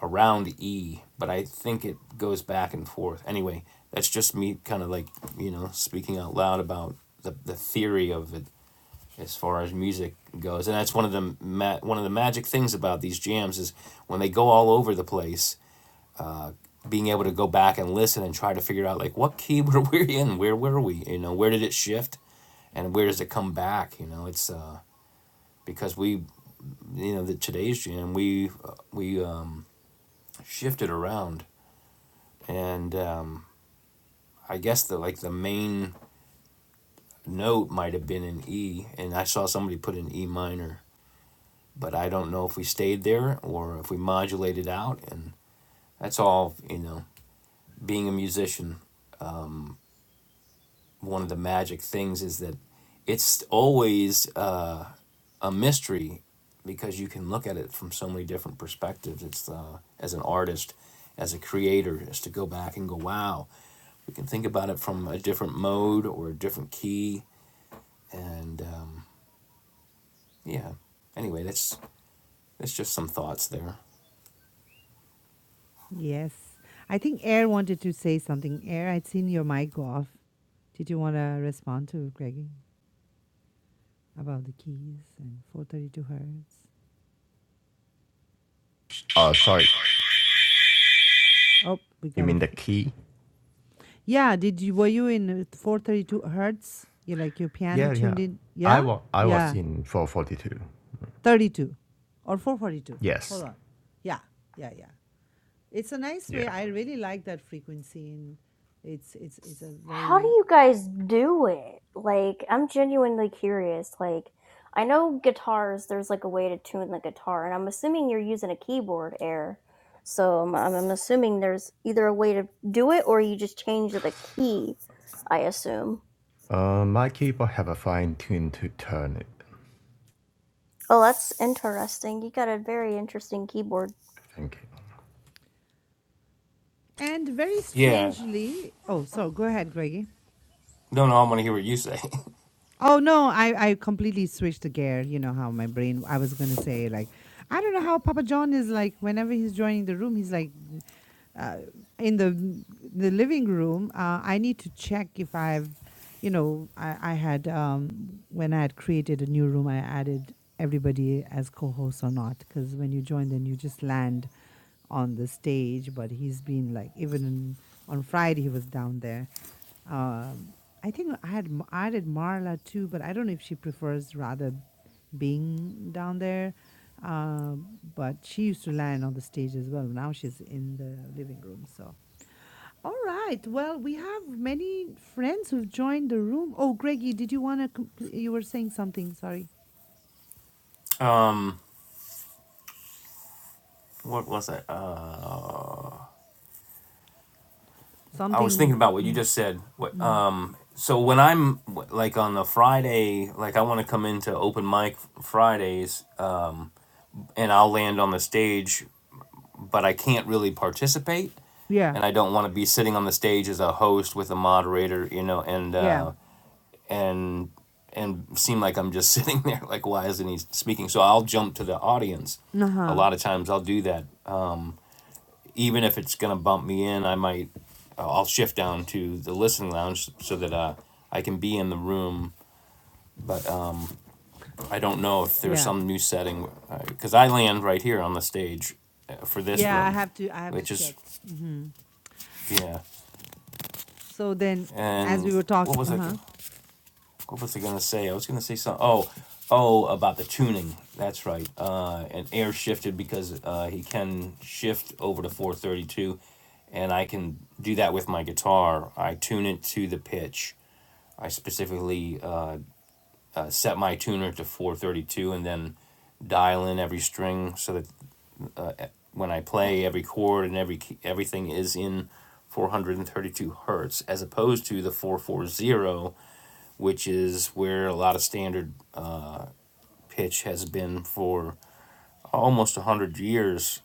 S2: around E, but I think it goes back and forth. Anyway, that's just me kind of like, you know, speaking out loud about the, the theory of it as far as music goes. And that's one of the ma- one of the magic things about these jams is when they go all over the place, being able to go back and listen and try to figure out like what key were we in, where were we, you know, where did it shift, and where does it come back, you know? It's uh, because we, you know, the today's jam we uh, we um, shifted around, and um, I guess the like the main note might have been in E, and I saw somebody put in E minor but I don't know if we stayed there or if we modulated out. And that's all, you know, being a musician, one of the magic things is that it's always uh, a mystery because you can look at it from so many different perspectives. It's uh, as an artist, as a creator, is to go back and go, wow, we can think about it from a different mode or a different key. And um, yeah, anyway, that's that's just some thoughts there.
S1: yes. I think Air wanted to say something. Air, I'd seen your mic go off. Did you want to respond to Greggy about the keys and 432 hertz?
S4: Oh, sorry.
S1: Oh, we
S4: You
S1: got a
S4: mean the key?
S1: Yeah, did you were you in uh, 432 hertz? You like your piano
S4: Yeah, yeah.
S1: tuned in?
S4: I
S1: Yeah?
S4: was I was
S1: Yeah.
S4: in 442.
S1: 32 or 442. Hold
S4: Yes.
S1: on. Yeah. Yeah, yeah. It's a nice
S4: Yeah.
S1: way. I really like that frequency and it's it's it's a
S5: how do
S1: very
S5: you guys do it? Like, I'm genuinely curious. Like, I know guitars, there's like a way to tune the guitar, and I'm assuming you're using a keyboard air. So I'm, I'm assuming there's either a way to do it or you just change the key, I assume.
S4: Uh, my keyboard have a fine tune to turn it.
S5: Oh, that's interesting. You got a very interesting keyboard.
S4: Thank you.
S1: and very
S2: Yeah,
S1: strangely, oh, so go ahead, Greggy.
S2: don't know. I want to hear what you say.
S1: Oh no, I I completely switched the gear. You know how my brain I was going to say like I don't know how Papa John is like whenever he's joining the room, he's like uh, in the the living room, uh, I need to check if I've, you know, I, I had um, when I had created a new room, I added everybody as co-hosts or not. Because when you join, then you just land on the stage. But he's been like even on, on Friday, he was down there um, I think I had M- I did Marla too, but I don't know if she prefers rather being down there. Um, but she used to land on the stage as well. Now she's in the living room. So, all right. Well, we have many friends who've joined the room. Oh, Greggy, did you want to? Compl- you were saying something. Sorry,
S2: what was I? Uh, I was thinking
S1: something.
S2: about what you
S1: Mm,
S2: just said. What,
S1: mm.
S2: um, so when I'm like on the Friday, like I want to come into open mic Fridays, um, and I'll land on the stage, but I can't really participate,
S1: Yeah.
S2: and I don't want to be sitting on the stage as a host with a moderator, you know, and
S1: Yeah.
S2: uh, and and seem like I'm just sitting there, like why isn't he speaking? So I'll jump to the audience.
S1: Uh
S2: A
S1: huh.
S2: lot of times I'll do that even if it's gonna bump me in, I might uh, I'll shift down to the listening lounge so that uh, I can be in the room. But um, I don't know if there's
S1: Yeah.
S2: some new setting because uh, I land right here on the stage uh, for this
S1: Yeah. I
S2: room,
S1: have to. I have to
S2: which is
S1: check. hmm
S2: yeah.
S1: So then, as
S2: And
S1: we were
S2: what
S1: talking,
S2: was
S1: uh
S2: I
S1: huh.
S2: gonna, what was I gonna say? I was gonna say something. Oh. Oh, about the tuning. That's right. Uh, and air shifted because uh, he can shift over to 432 and I can do that with my guitar. I tune it to the pitch I specifically uh, set my tuner to 432 and then dial in every string so that when I play every chord and every key- everything is in 432 hertz as opposed to the 440 which is where a lot of standard pitch has been for almost 100 years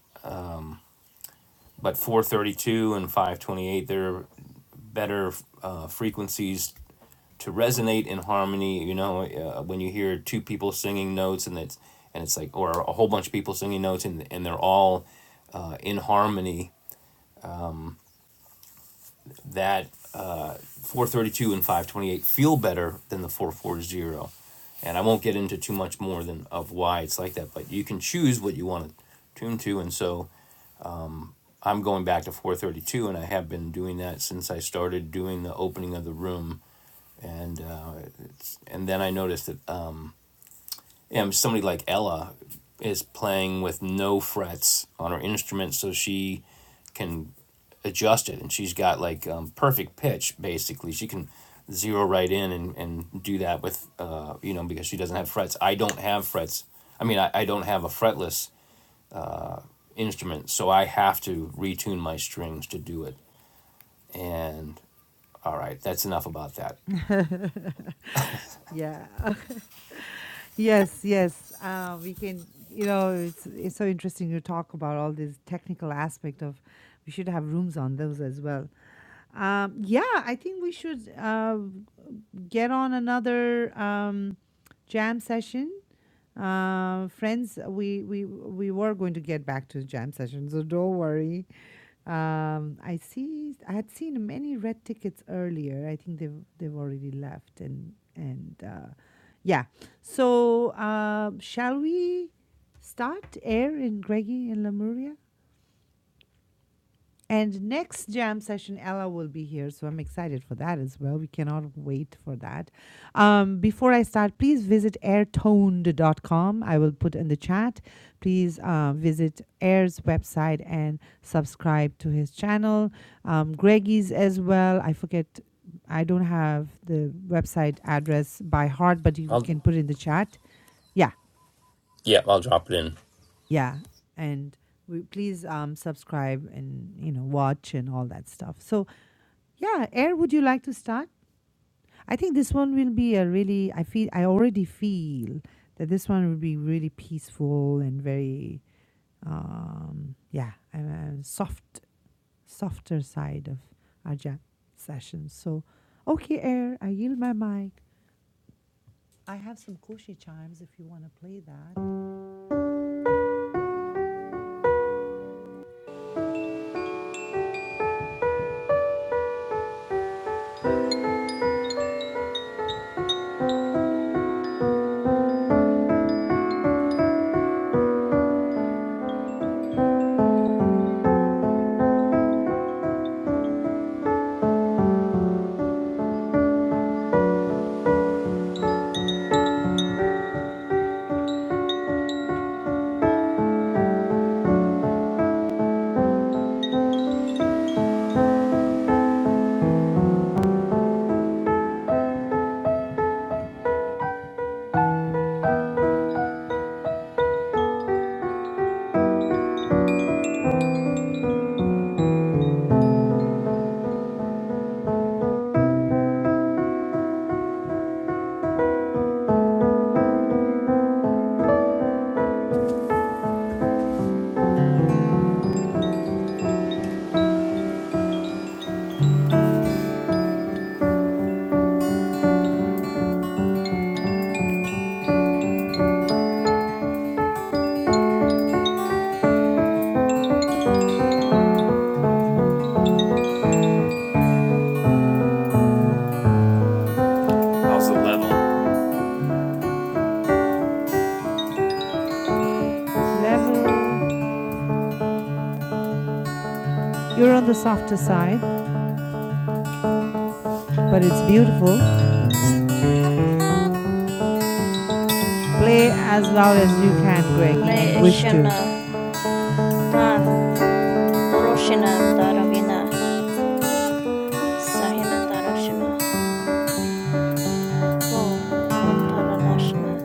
S2: but 432 and 528 they're better uh, frequencies to resonate in harmony. You know, uh, when you hear two people singing notes and it's and it's like or a whole bunch of people singing notes and and they're all uh, in harmony. That four thirty two and five twenty eight feel better than the four four zero. And I won't get into too much more than of why it's like that, but you can choose what you want to tune to. And so I'm going back to 432, and I have been doing that since I started doing the opening of the room. And uh, it's, and then I noticed that uh, um, somebody like Ella is playing with no frets on her instrument, so she can adjust it, and she's got like um, perfect pitch basically. She can zero right in and, and do that with uh, you know because she doesn't have frets. I don't have frets. I mean, I, I don't have a fretless uh, instrument, so I have to retune my strings to do it. And all right, that's enough about that.
S1: Yeah. Yes, yes. Uh, we can, you know, it's it's so interesting to talk about all this technical aspect of we should have rooms on those as well. Um, yeah, I think we should uh, get on another um, jam session. Uh, friends, we, we we were going to get back to jam session, so don't worry. Um, I see. I had seen many red tickets earlier. I think they've they've already left, and and uh, yeah. So uh, shall we start air in Greggy and Lemuria? And next jam session, Ella will be here, so I'm excited for that as well. We cannot wait for that. Um, before I start, please visit AirToned dot com. I will put in the chat. Please uh, visit Air's website and subscribe to his channel. Um, Greggy's as well. I forget, I don't have the website address by heart, but you, we
S2: I'll
S1: can put it in the chat. Yeah,
S2: yeah, I'll drop it in.
S1: yeah. And we, please um, subscribe and you know watch and all that stuff. So yeah, Air, would you like to start? I think this one will be a really, I feel, I already feel that this one will be really peaceful and very, um, yeah, a a soft, softer side of our jam sessions. So, okay, Air, I yield my mic. I have some Koshi chimes if you want to play that.
S2: How's the level?
S1: Level, you're on the softer side, but it's beautiful. Play as loud as you can, Greggy, and
S5: Le
S1: wish to.
S5: shana dan doroshina daravina sahina daroshina to tanam taranashna.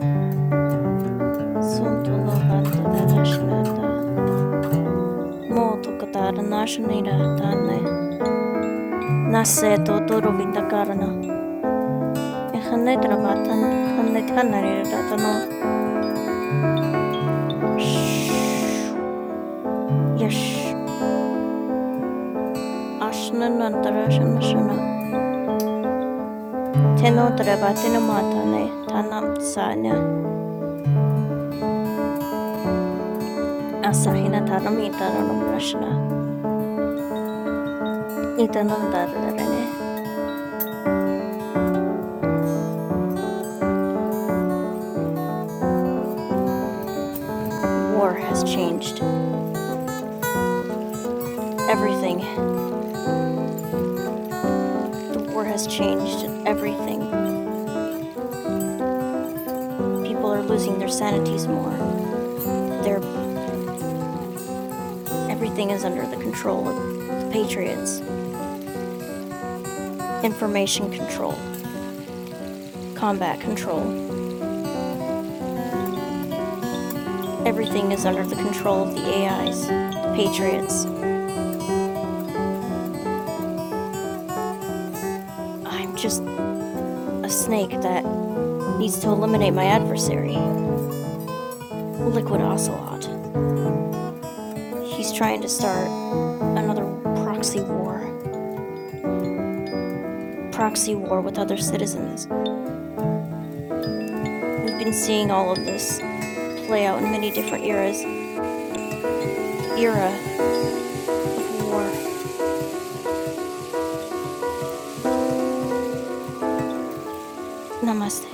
S5: Sun-tunurvandaradashnaata motukataranashnirataane nase tuturuvindakarana ehanetravaatan hanehanariratano sh- yash ashnanandarashnashana tenotravatinamaatane tanam saana asahinataramitaranamrashna itanamdararane war has changed everything the war has changed everything people are losing their sanities more Their everything is under the control of the Patriots. Information control, combat control. Everything is under the control of the AIs, the Patriots. I'm just a snake that needs to eliminate my adversary, Liquid Ocelot. He's trying to start another proxy war, proxy war with other citizens. We've been seeing all of this play out in many different eras. The era of war. Namaste.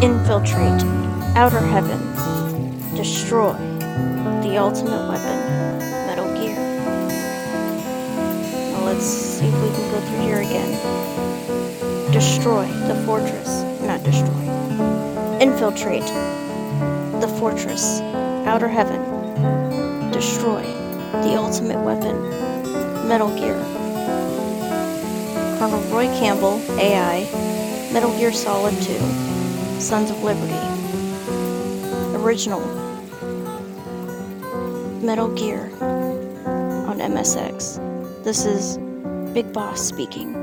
S5: Infiltrate. Outer heaven. Destroy! The ultimate weapon. Metal Gear. Now let's see if we can go through here again. Destroy the fortress. Not destroy. Infiltrate the fortress. Outer Heaven. Destroy. The ultimate weapon. Metal Gear. Colonel Roy Campbell, AI. Metal Gear Solid 2. Sons of Liberty. Original. Metal Gear on MSX. This is Big Boss speaking.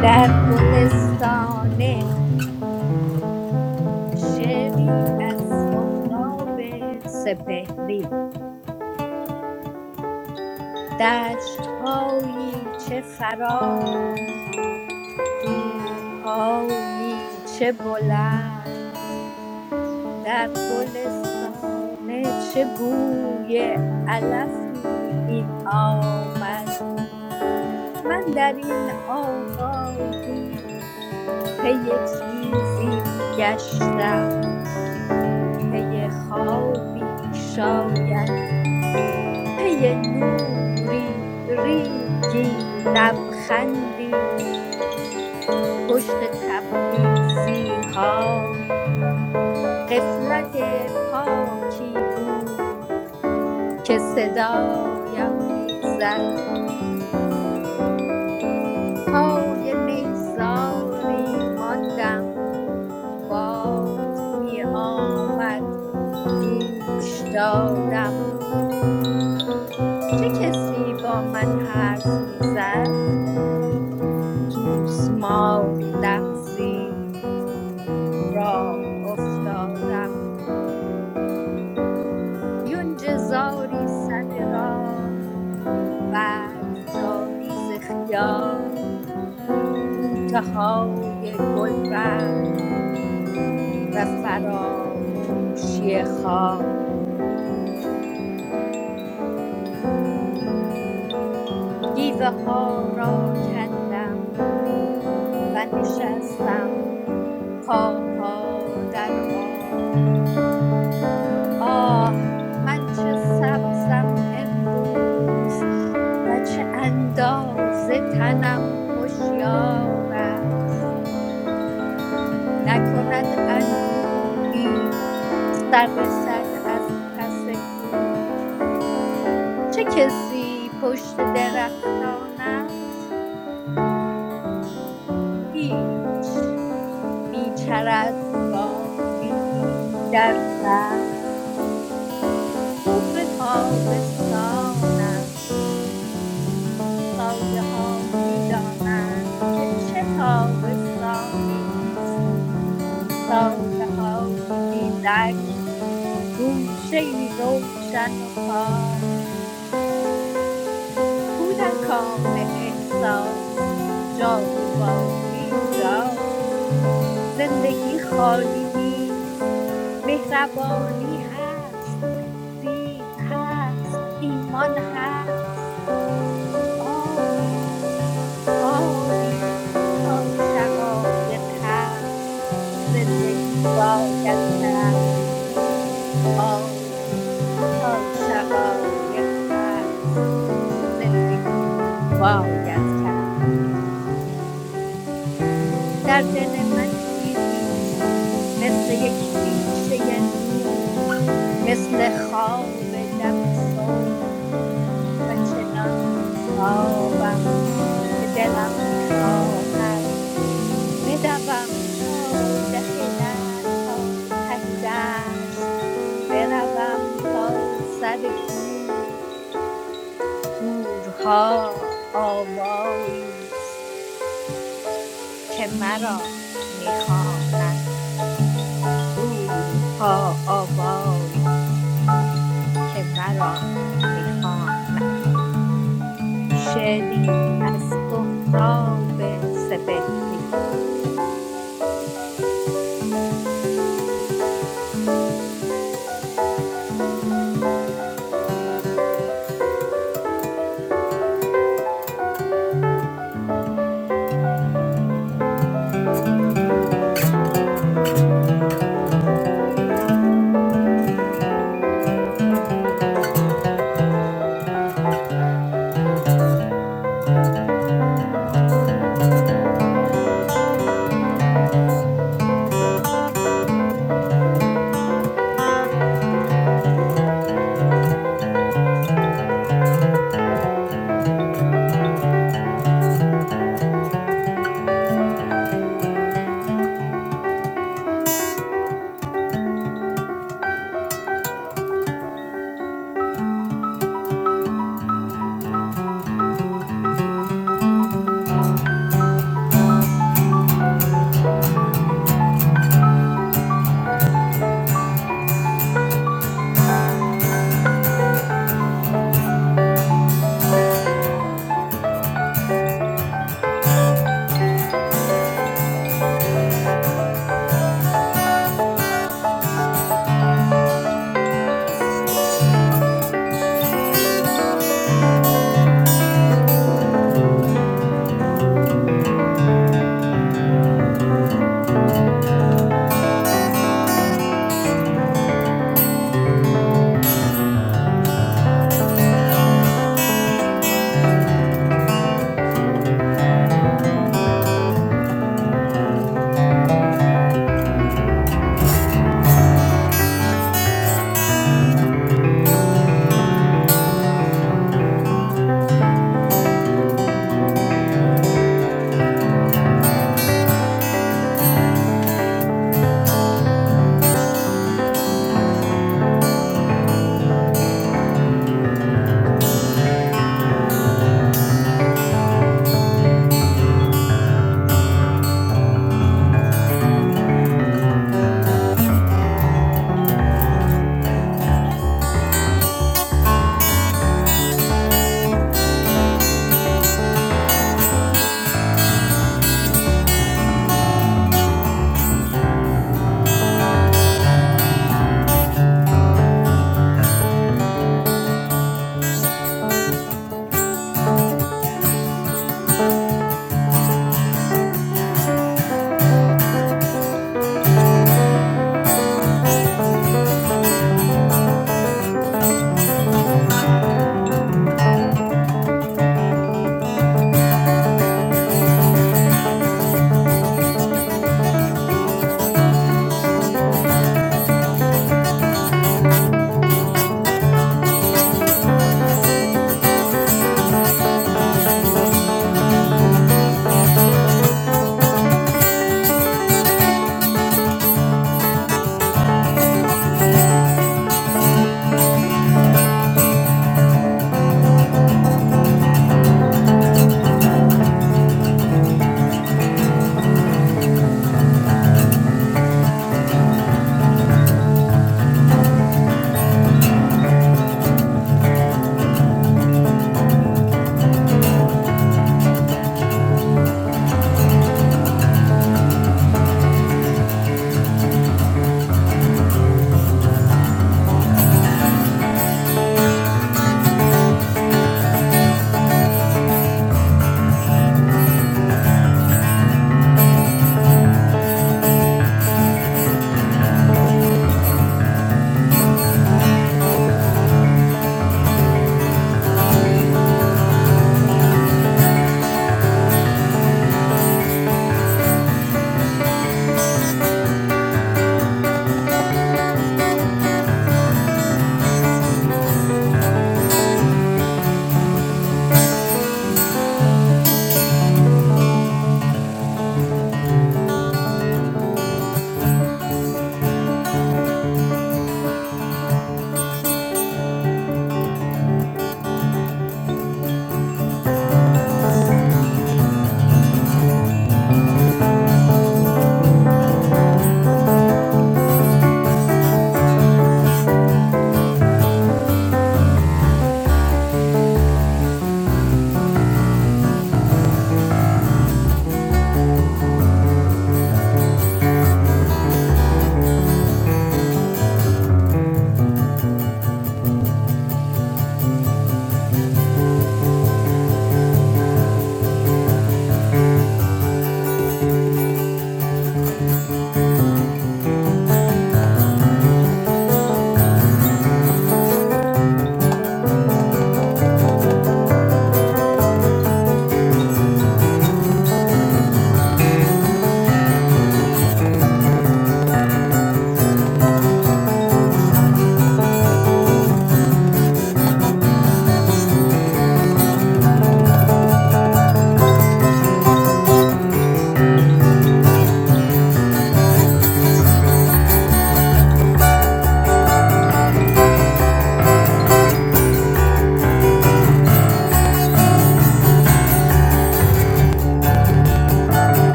S6: در گلستان شعری از سهراب سپهری دشتهایی چه فراخ کوههایی چه بلند در گلستانه چه بوی علفی می آمد من در این آبادی پی چیزی می گشتم پی خوابی شاید پی نوری ریگی لبخندی پشت تبریزی ها قفلت پاکی بود که صدایم میزد پای نیزاری ماندم باد می آمد گوش دادم چه کسی با من حرف میزد سوسماری لغزید راه افتادم یونج زاری سر راه بعد جاری ز خیال بوته های گل رنگ و فراموشی خواب گیوه ها را کندم و نشستم پاها در آب آه من چه سبزم امروز و چه اندازه تنم هوشیار است نکند اندوهی سر رسد از پس کوه چه کسی پشت درختان است هیچ میچرد گاوی در پر ظهر تابستان است سایه ها می دانند که چه تابستانی است سایه های بیلک گوشه ای روشن و پاک کودکان احساس جای بازی اینجاست زندگی خالی نیست مهربانی هست سیب هست ایمان هست آری آری تا شقایق هست زندگی باید کرد آری تا شقایق هست زندگی باید کرد در دل من چیزی است مثل یک بیشه نور مثل خواب دم صبح و چنان بیتابم که دلم میخواهد بدوم تا ده د- تا ته دشت بروم تا سر کوه دورها آوایی است که مرا میخواند دورها آوایی است که مرا میخواند شعری از سهراب سپهری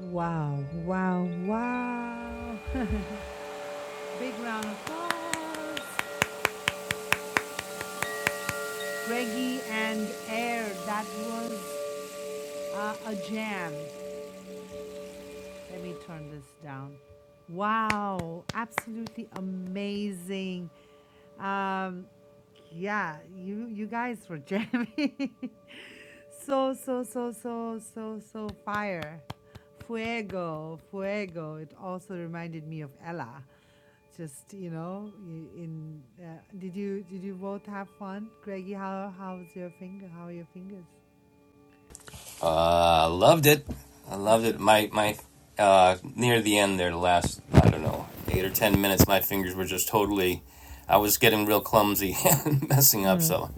S1: Wow, wow, wow. Big round of applause. Reggie and Air, that was uh, a jam. Let me turn this down. Wow, absolutely amazing. Um, yeah, you, you guys were jamming. So, so, so, so, so, so fire. Fuego, fuego. It also reminded me of Ella. Just, you know, y- in uh, did you did you both have fun? Greggy, how how's your finger? How are your fingers?
S2: Uh, loved it. I loved it. My my uh, near the end there, the last I don't know eight or ten minutes, my fingers were just totally. I was getting real clumsy and messing up,
S1: Yeah.
S2: so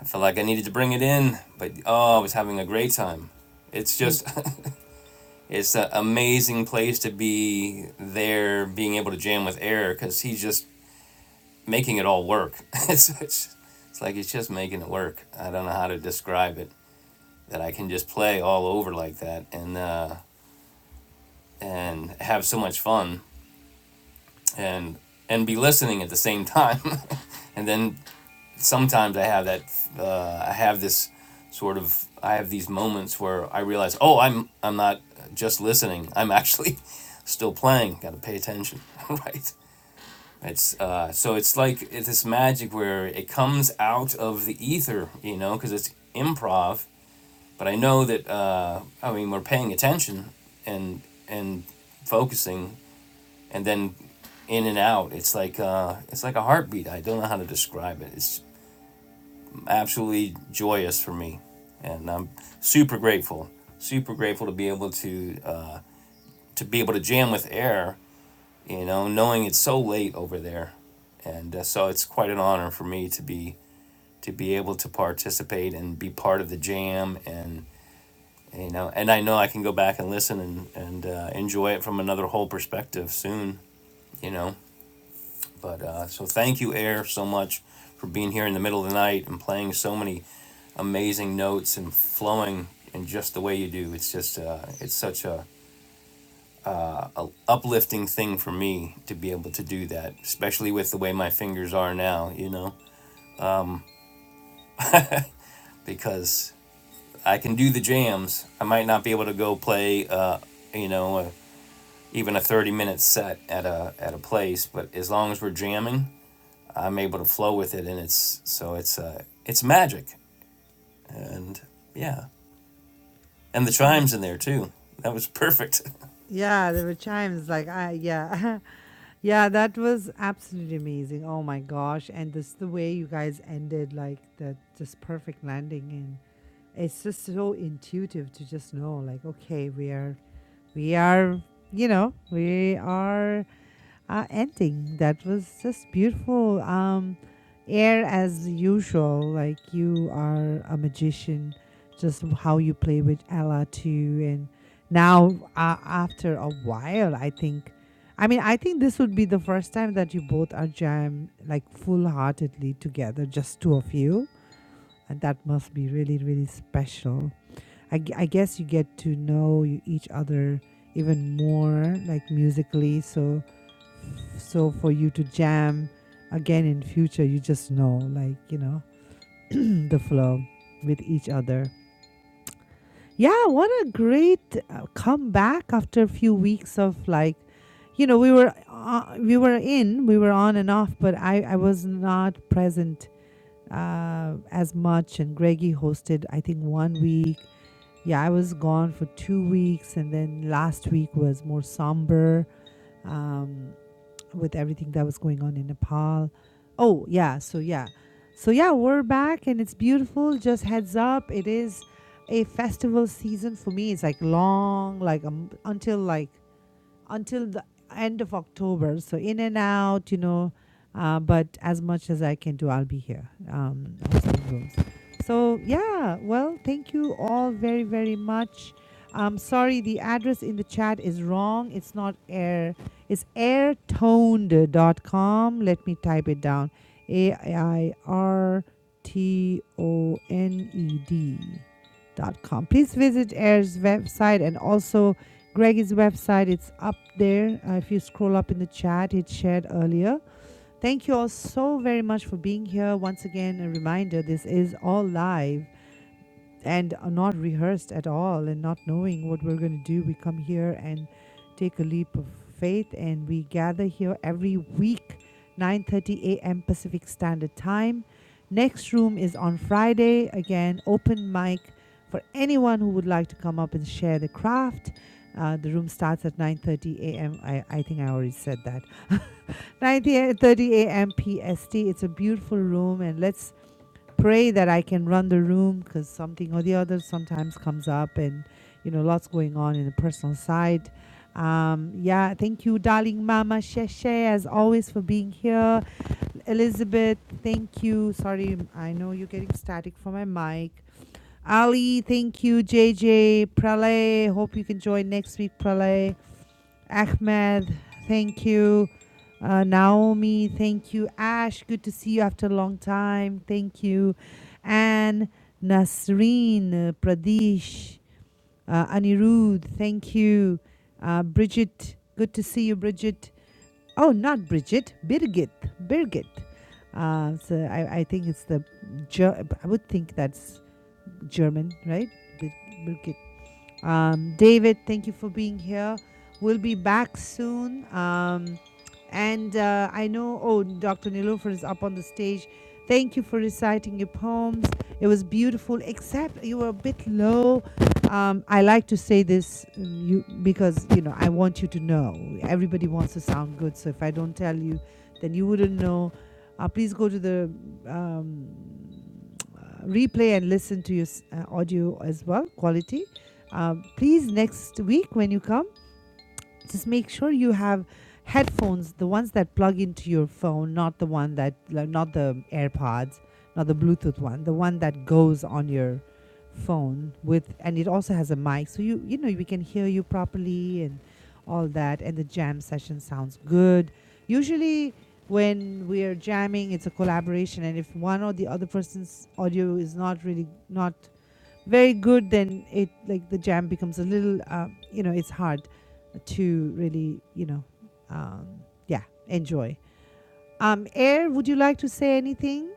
S2: I felt like I needed to bring it in. But oh, I was having a great time. It's
S1: Well,
S2: just, it's an amazing place to be there, being able to jam with Eric because he's just making it all work. it's, it's it's like he's just making it work. I don't know how to describe it. That I can just play all over like that, and uh, and have so much fun and and be listening at the same time and then sometimes i have that uh, i have this sort of i have these moments where i realize oh i'm i'm not just listening i'm actually still playing got to pay attention right it's uh, so it's like it's this magic where it comes out of the ether you know because it's improv but i know that uh, i mean we're paying attention and and focusing and then in and out. It's like uh, it's like a heartbeat. I don't know how to describe it. It's absolutely joyous for me, and I'm super grateful. Super grateful to be able to uh, to be able to jam with air. You know, knowing it's so late over there, and uh, so it's quite an honor for me to be to be able to participate and be part of the jam and. You know, and I know I can go back and listen and and uh, enjoy it from another whole perspective soon. You know, But uh, so thank you, Air, so much for being here in the middle of the night and playing so many amazing notes and flowing in just the way you do. It's just uh, it's such a uplifting thing for me to be able to do that, especially with the way my fingers are now. You know, because I can do the jams. I might not be able to go play. Uh, you know. A, even a 30 minute set at a at a place but as long as we're jamming i'm able to flow with it and it's so it's uh it's magic and yeah, and the chimes in
S1: Abs-
S2: there too. That was perfect.
S1: yeah, there were chimes like I yeah. yeah, that was absolutely amazing. Oh my gosh. And this the way you guys ended like that just perfect landing it's just so intuitive to just know like okay we are we are you know we are uh, ending that was just beautiful um air as usual like you are a magician just how you play with ella too and now uh, after a while i think i mean i think this would be the first time that you both are jam like full-heartedly together just two of you and that must be really really special I, g- I guess you get to know you- each other even more like musically so so for you to jam again in future you just know like you know the flow with each other yeah what a great uh, comeback after a few weeks of like you know we were uh, we were in we were on and off but i i was not present uh, as much and greggy hosted i think one week yeah, I was gone for two weeks, and then last week was more somber um, with everything that was going on in Nepal. Oh, yeah, so yeah. So yeah, we're back and it's beautiful. Just heads up, it is a festival season for me. It's like long, like um, until like until the end of October. So in and out, you know. Uh, but as much as I can do, I'll be here um, on some rooms. So yeah, well, thank you all very very much. I'm sorry, the address in the chat is wrong. It's not air. It's Airtoned. dot com. Let me type it down. A I R T O N E D dot com. Please visit Air's website and also Greg's website. It's up there. Uh, if you scroll up in the chat, it's shared earlier. Thank you all so very much for being here. Once again, a reminder this is all live and are not rehearsed at all and not knowing what we're going to do we come here and take a leap of faith and we gather here every week 9:30 a.m. Pacific Standard Time next room is on Friday again open mic for anyone who would like to come up and share the craft uh, the room starts at 9:30 a.m. I I think I already said that. 9:30 a.m. PST. It's a beautiful room, and let's pray that I can run the room because something or the other sometimes comes up, and you know, lots going on in the personal side. Um, yeah, thank you, darling Mama Sheshe, as always, for being here. Elizabeth, thank you. Sorry, I know you're getting static for my mic. Ali, thank you. JJ, Pralay, hope you can join next week, Pralay. Ahmed, thank you. Uh, Naomi, thank you. Ash, good to see you after a long time. Thank you. Anne, Nasreen, uh, Pradesh, uh, Anirudh, thank you. Uh, Bridget, good to see you, Bridget. Oh, not Bridget, Birgit. Birgit. Uh, so I, I think it's the, Ger- I would think that's German, right? Bir- Birgit. Um, David, thank you for being here. We'll be back soon. Um, and uh, I know, oh, Dr. Nilofer is up on the stage. Thank you for reciting your poems. It was beautiful, except you were a bit low. Um, I like to say this mm, you, because, you know, I want you to know. Everybody wants to sound good. So if I don't tell you, then you wouldn't know. Uh, please go to the um, replay and listen to your uh, audio as well, quality. Um, please, next week when you come, just make sure you have headphones, the ones that plug into your phone, not the one that, like, not the AirPods, not the Bluetooth one, the one that goes on your phone with, and it also has a mic, so you you know we can hear you properly and all that. And the jam session sounds good. Usually, when we are jamming, it's a collaboration, and if one or the other person's audio is not really not very good, then it like the jam becomes a little, uh, you know, it's hard to really, you know, um, yeah, enjoy. Um, Air, would you like to say anything?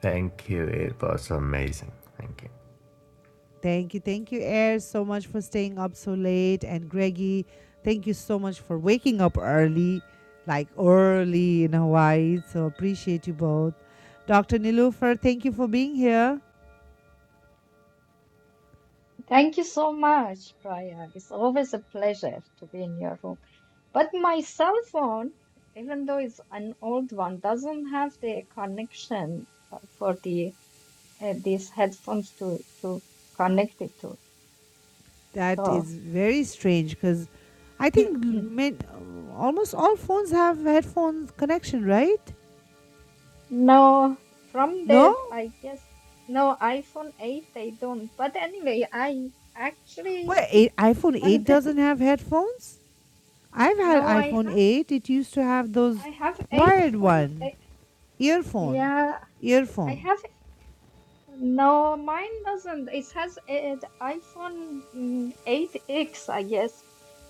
S4: Thank you. It was amazing. Thank you.
S1: Thank you, thank you, Air, so much for staying up so late, and Greggy, thank you so much for waking up early, like early in Hawaii. So appreciate you both. Dr. Nilufer, thank you for being here.
S6: Thank you so much, Priya. It's always a pleasure to be in your room. But my cell phone, even though it's an old one, doesn't have the connection uh, for the uh, these headphones to to connect it to.
S1: That
S6: So
S1: is very strange because I think l- ma- almost all phones have headphone connection, right?
S6: no, from
S1: No?
S6: that I guess no iPhone 8 they don't. But anyway, I actually
S1: Well, eight, iPhone 8
S6: unpack.
S1: doesn't have headphones. I've had
S6: No,
S1: Yeah.
S6: I
S1: iPhone
S6: have
S1: 8. It used to have
S6: I
S1: those
S6: have eight
S1: wired
S6: phone.
S1: one,
S6: eh,
S1: earphone,
S6: Yeah, I
S1: earphone.
S6: have No, mine doesn't. It has an iPhone mm, 8X, I guess.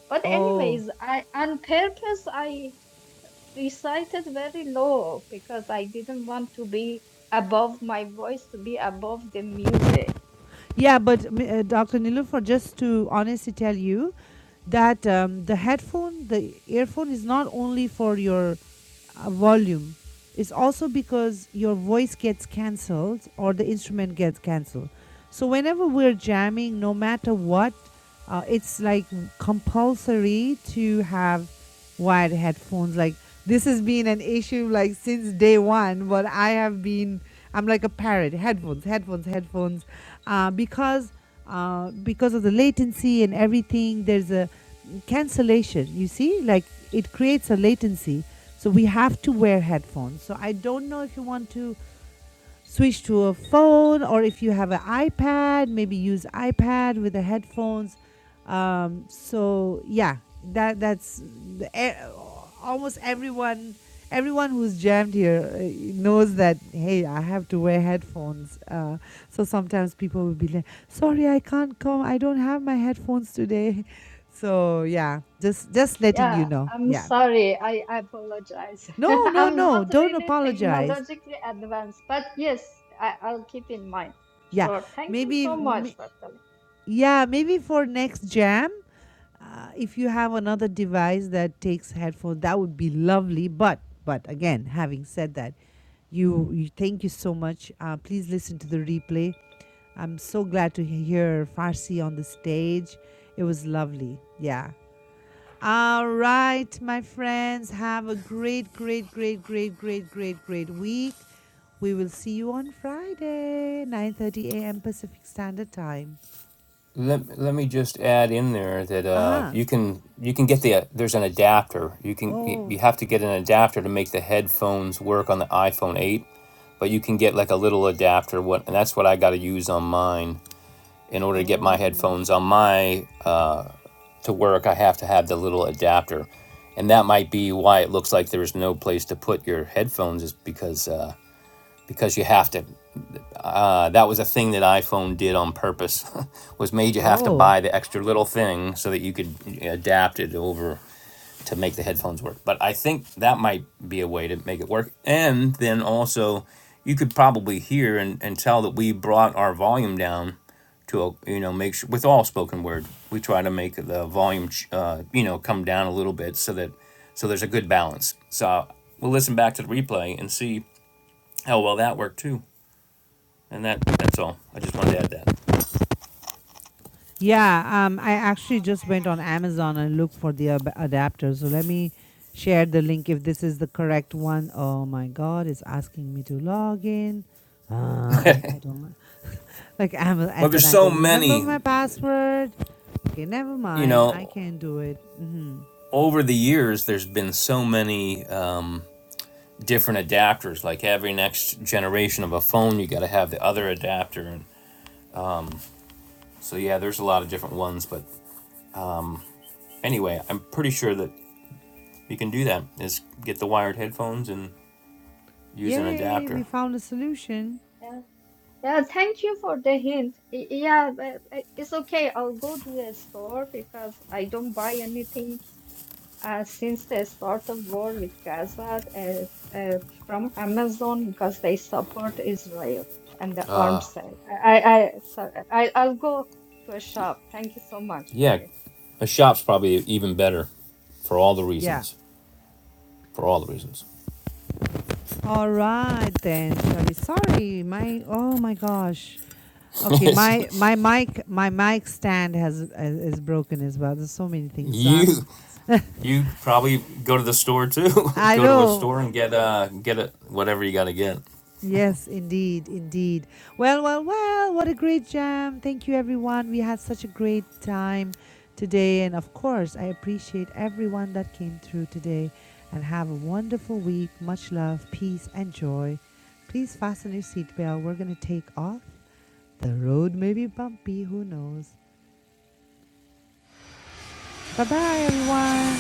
S6: But
S1: Oh.
S6: anyways, I on purpose I recited very low because I didn't want to be above my voice to be above the music.
S1: Yeah, but uh, Dr. Nilufar, just to honestly tell you that um, the headphone, the earphone is not only for your uh, volume, it's also because your voice gets cancelled or the instrument gets cancelled. So whenever we're jamming, no matter what, uh, it's like compulsory to have wired headphones. Like this has been an issue like since day one, but I have been, I'm like a parrot, headphones, headphones, headphones uh, because uh, because of the latency and everything. There's a cancellation. You see, like it creates a latency. So we have to wear headphones. So I don't know if you want to switch to a phone or if you have an ipad maybe use ipad with the headphones um, so yeah that that's the, e- almost everyone everyone who's jammed here uh, knows that hey i have to wear headphones uh, so sometimes people will be like sorry i can't come i don't have my headphones today so yeah just just letting
S6: Yeah,
S1: you know
S6: I'm
S1: yeah
S6: sorry. I apologize.
S1: no no
S6: I'm
S1: no
S6: not
S1: don't
S6: really
S1: apologize
S6: technologically advanced, but yes, I, I'll keep in mind.
S1: yeah
S6: Sure. Thank you
S1: maybe
S6: so
S1: m-
S6: much, for Dr.
S1: Yeah, maybe for next jam, uh, if you have another device that takes headphones, that would be lovely. But but again, having said that, you, you thank you so much. Uh, please listen to the replay. I'm so glad to he- hear Farsi on the stage. It was lovely. Yeah. All right, my friends, have a great, great, great, great, great, great, great week. We will see you on Friday, 9:30 a.m. Pacific Standard Time.
S2: Let, let me just add in there that uh,
S1: Aha.
S2: you can you can get the there's an adapter. You
S1: Uh-huh.
S2: can you
S1: Oh.
S2: have to get an adapter to make the headphones work on the iPhone 8, but you can get like a little adapter what and that's what I got to use on mine in order to get my
S1: Oh.
S2: headphones on my uh, to work. I have to have the little adapter. And that might be why it looks like there's no place to put your headphones is because uh, because you have to uh, that was a thing that iphone did on purpose was made you have to
S1: Oh,
S2: buy the extra little thing so that you could uh, adapt it over to make the headphones work but i think that might be a way to make it work and then also you could probably hear and, and tell that we brought our volume down to a, you know make sure with all spoken word we try to make the volume uh, you know come down a little bit so that so there's a good balance so we'll listen back to the replay and see how well that worked too and that that's all. I just wanted to add
S1: yeah. Um, I actually just went on Amazon and looked for the ab- adapter. So let me share the link if this is the correct one. Oh my God, it's asking me to log in. Uh, I,
S2: that.
S1: I don't li- like Amazon,
S2: well,
S1: and then
S2: there's
S1: I
S2: so
S1: don't remember
S2: many,
S1: my password. Okay, never
S2: you
S1: mind. I
S2: know,
S1: can do it. hmm
S2: over the years there's been so many uh, different adapters. Like every next generation of a phone, you got to have the other adapter, and so yeah, there's a lot of different ones. But anyway, I'm pretty sure that you can do that. Is get the wired headphones and use an
S1: Yay, we
S2: adapter.
S1: found a solution.
S6: Yeah. Yeah, thank you for the hint. Y- Yeah, but uh, it's okay. I'll go to the store because I don't buy anything uh, since the start of war with Gaza uh, uh, from Amazon because they support Israel and the arms sale. I, I, I so I, I'll go to a shop. Thank you so much for
S2: Yeah,
S6: this.
S2: a shop's probably even better for all the
S1: Yeah.
S2: reasons. For all the reasons.
S1: All right then, Shall we? Sorry, my oh my gosh. Okay, my my mic my mic stand has is broken as well. There's so many things. So
S2: you
S1: I'm
S2: You probably go to the store too.
S1: I
S2: go to a
S1: know.
S2: store and get uh get it whatever you got to get.
S1: Yes, indeed, indeed. Well, well, well. What a great jam! Thank you, everyone. We had such a great time today, and of course, I appreciate everyone that came through today. And have a wonderful week. Much love, peace, and joy. Please fasten your seatbelt. We're gonna take off. The road may be bumpy. Who knows? Bye, bye, everyone.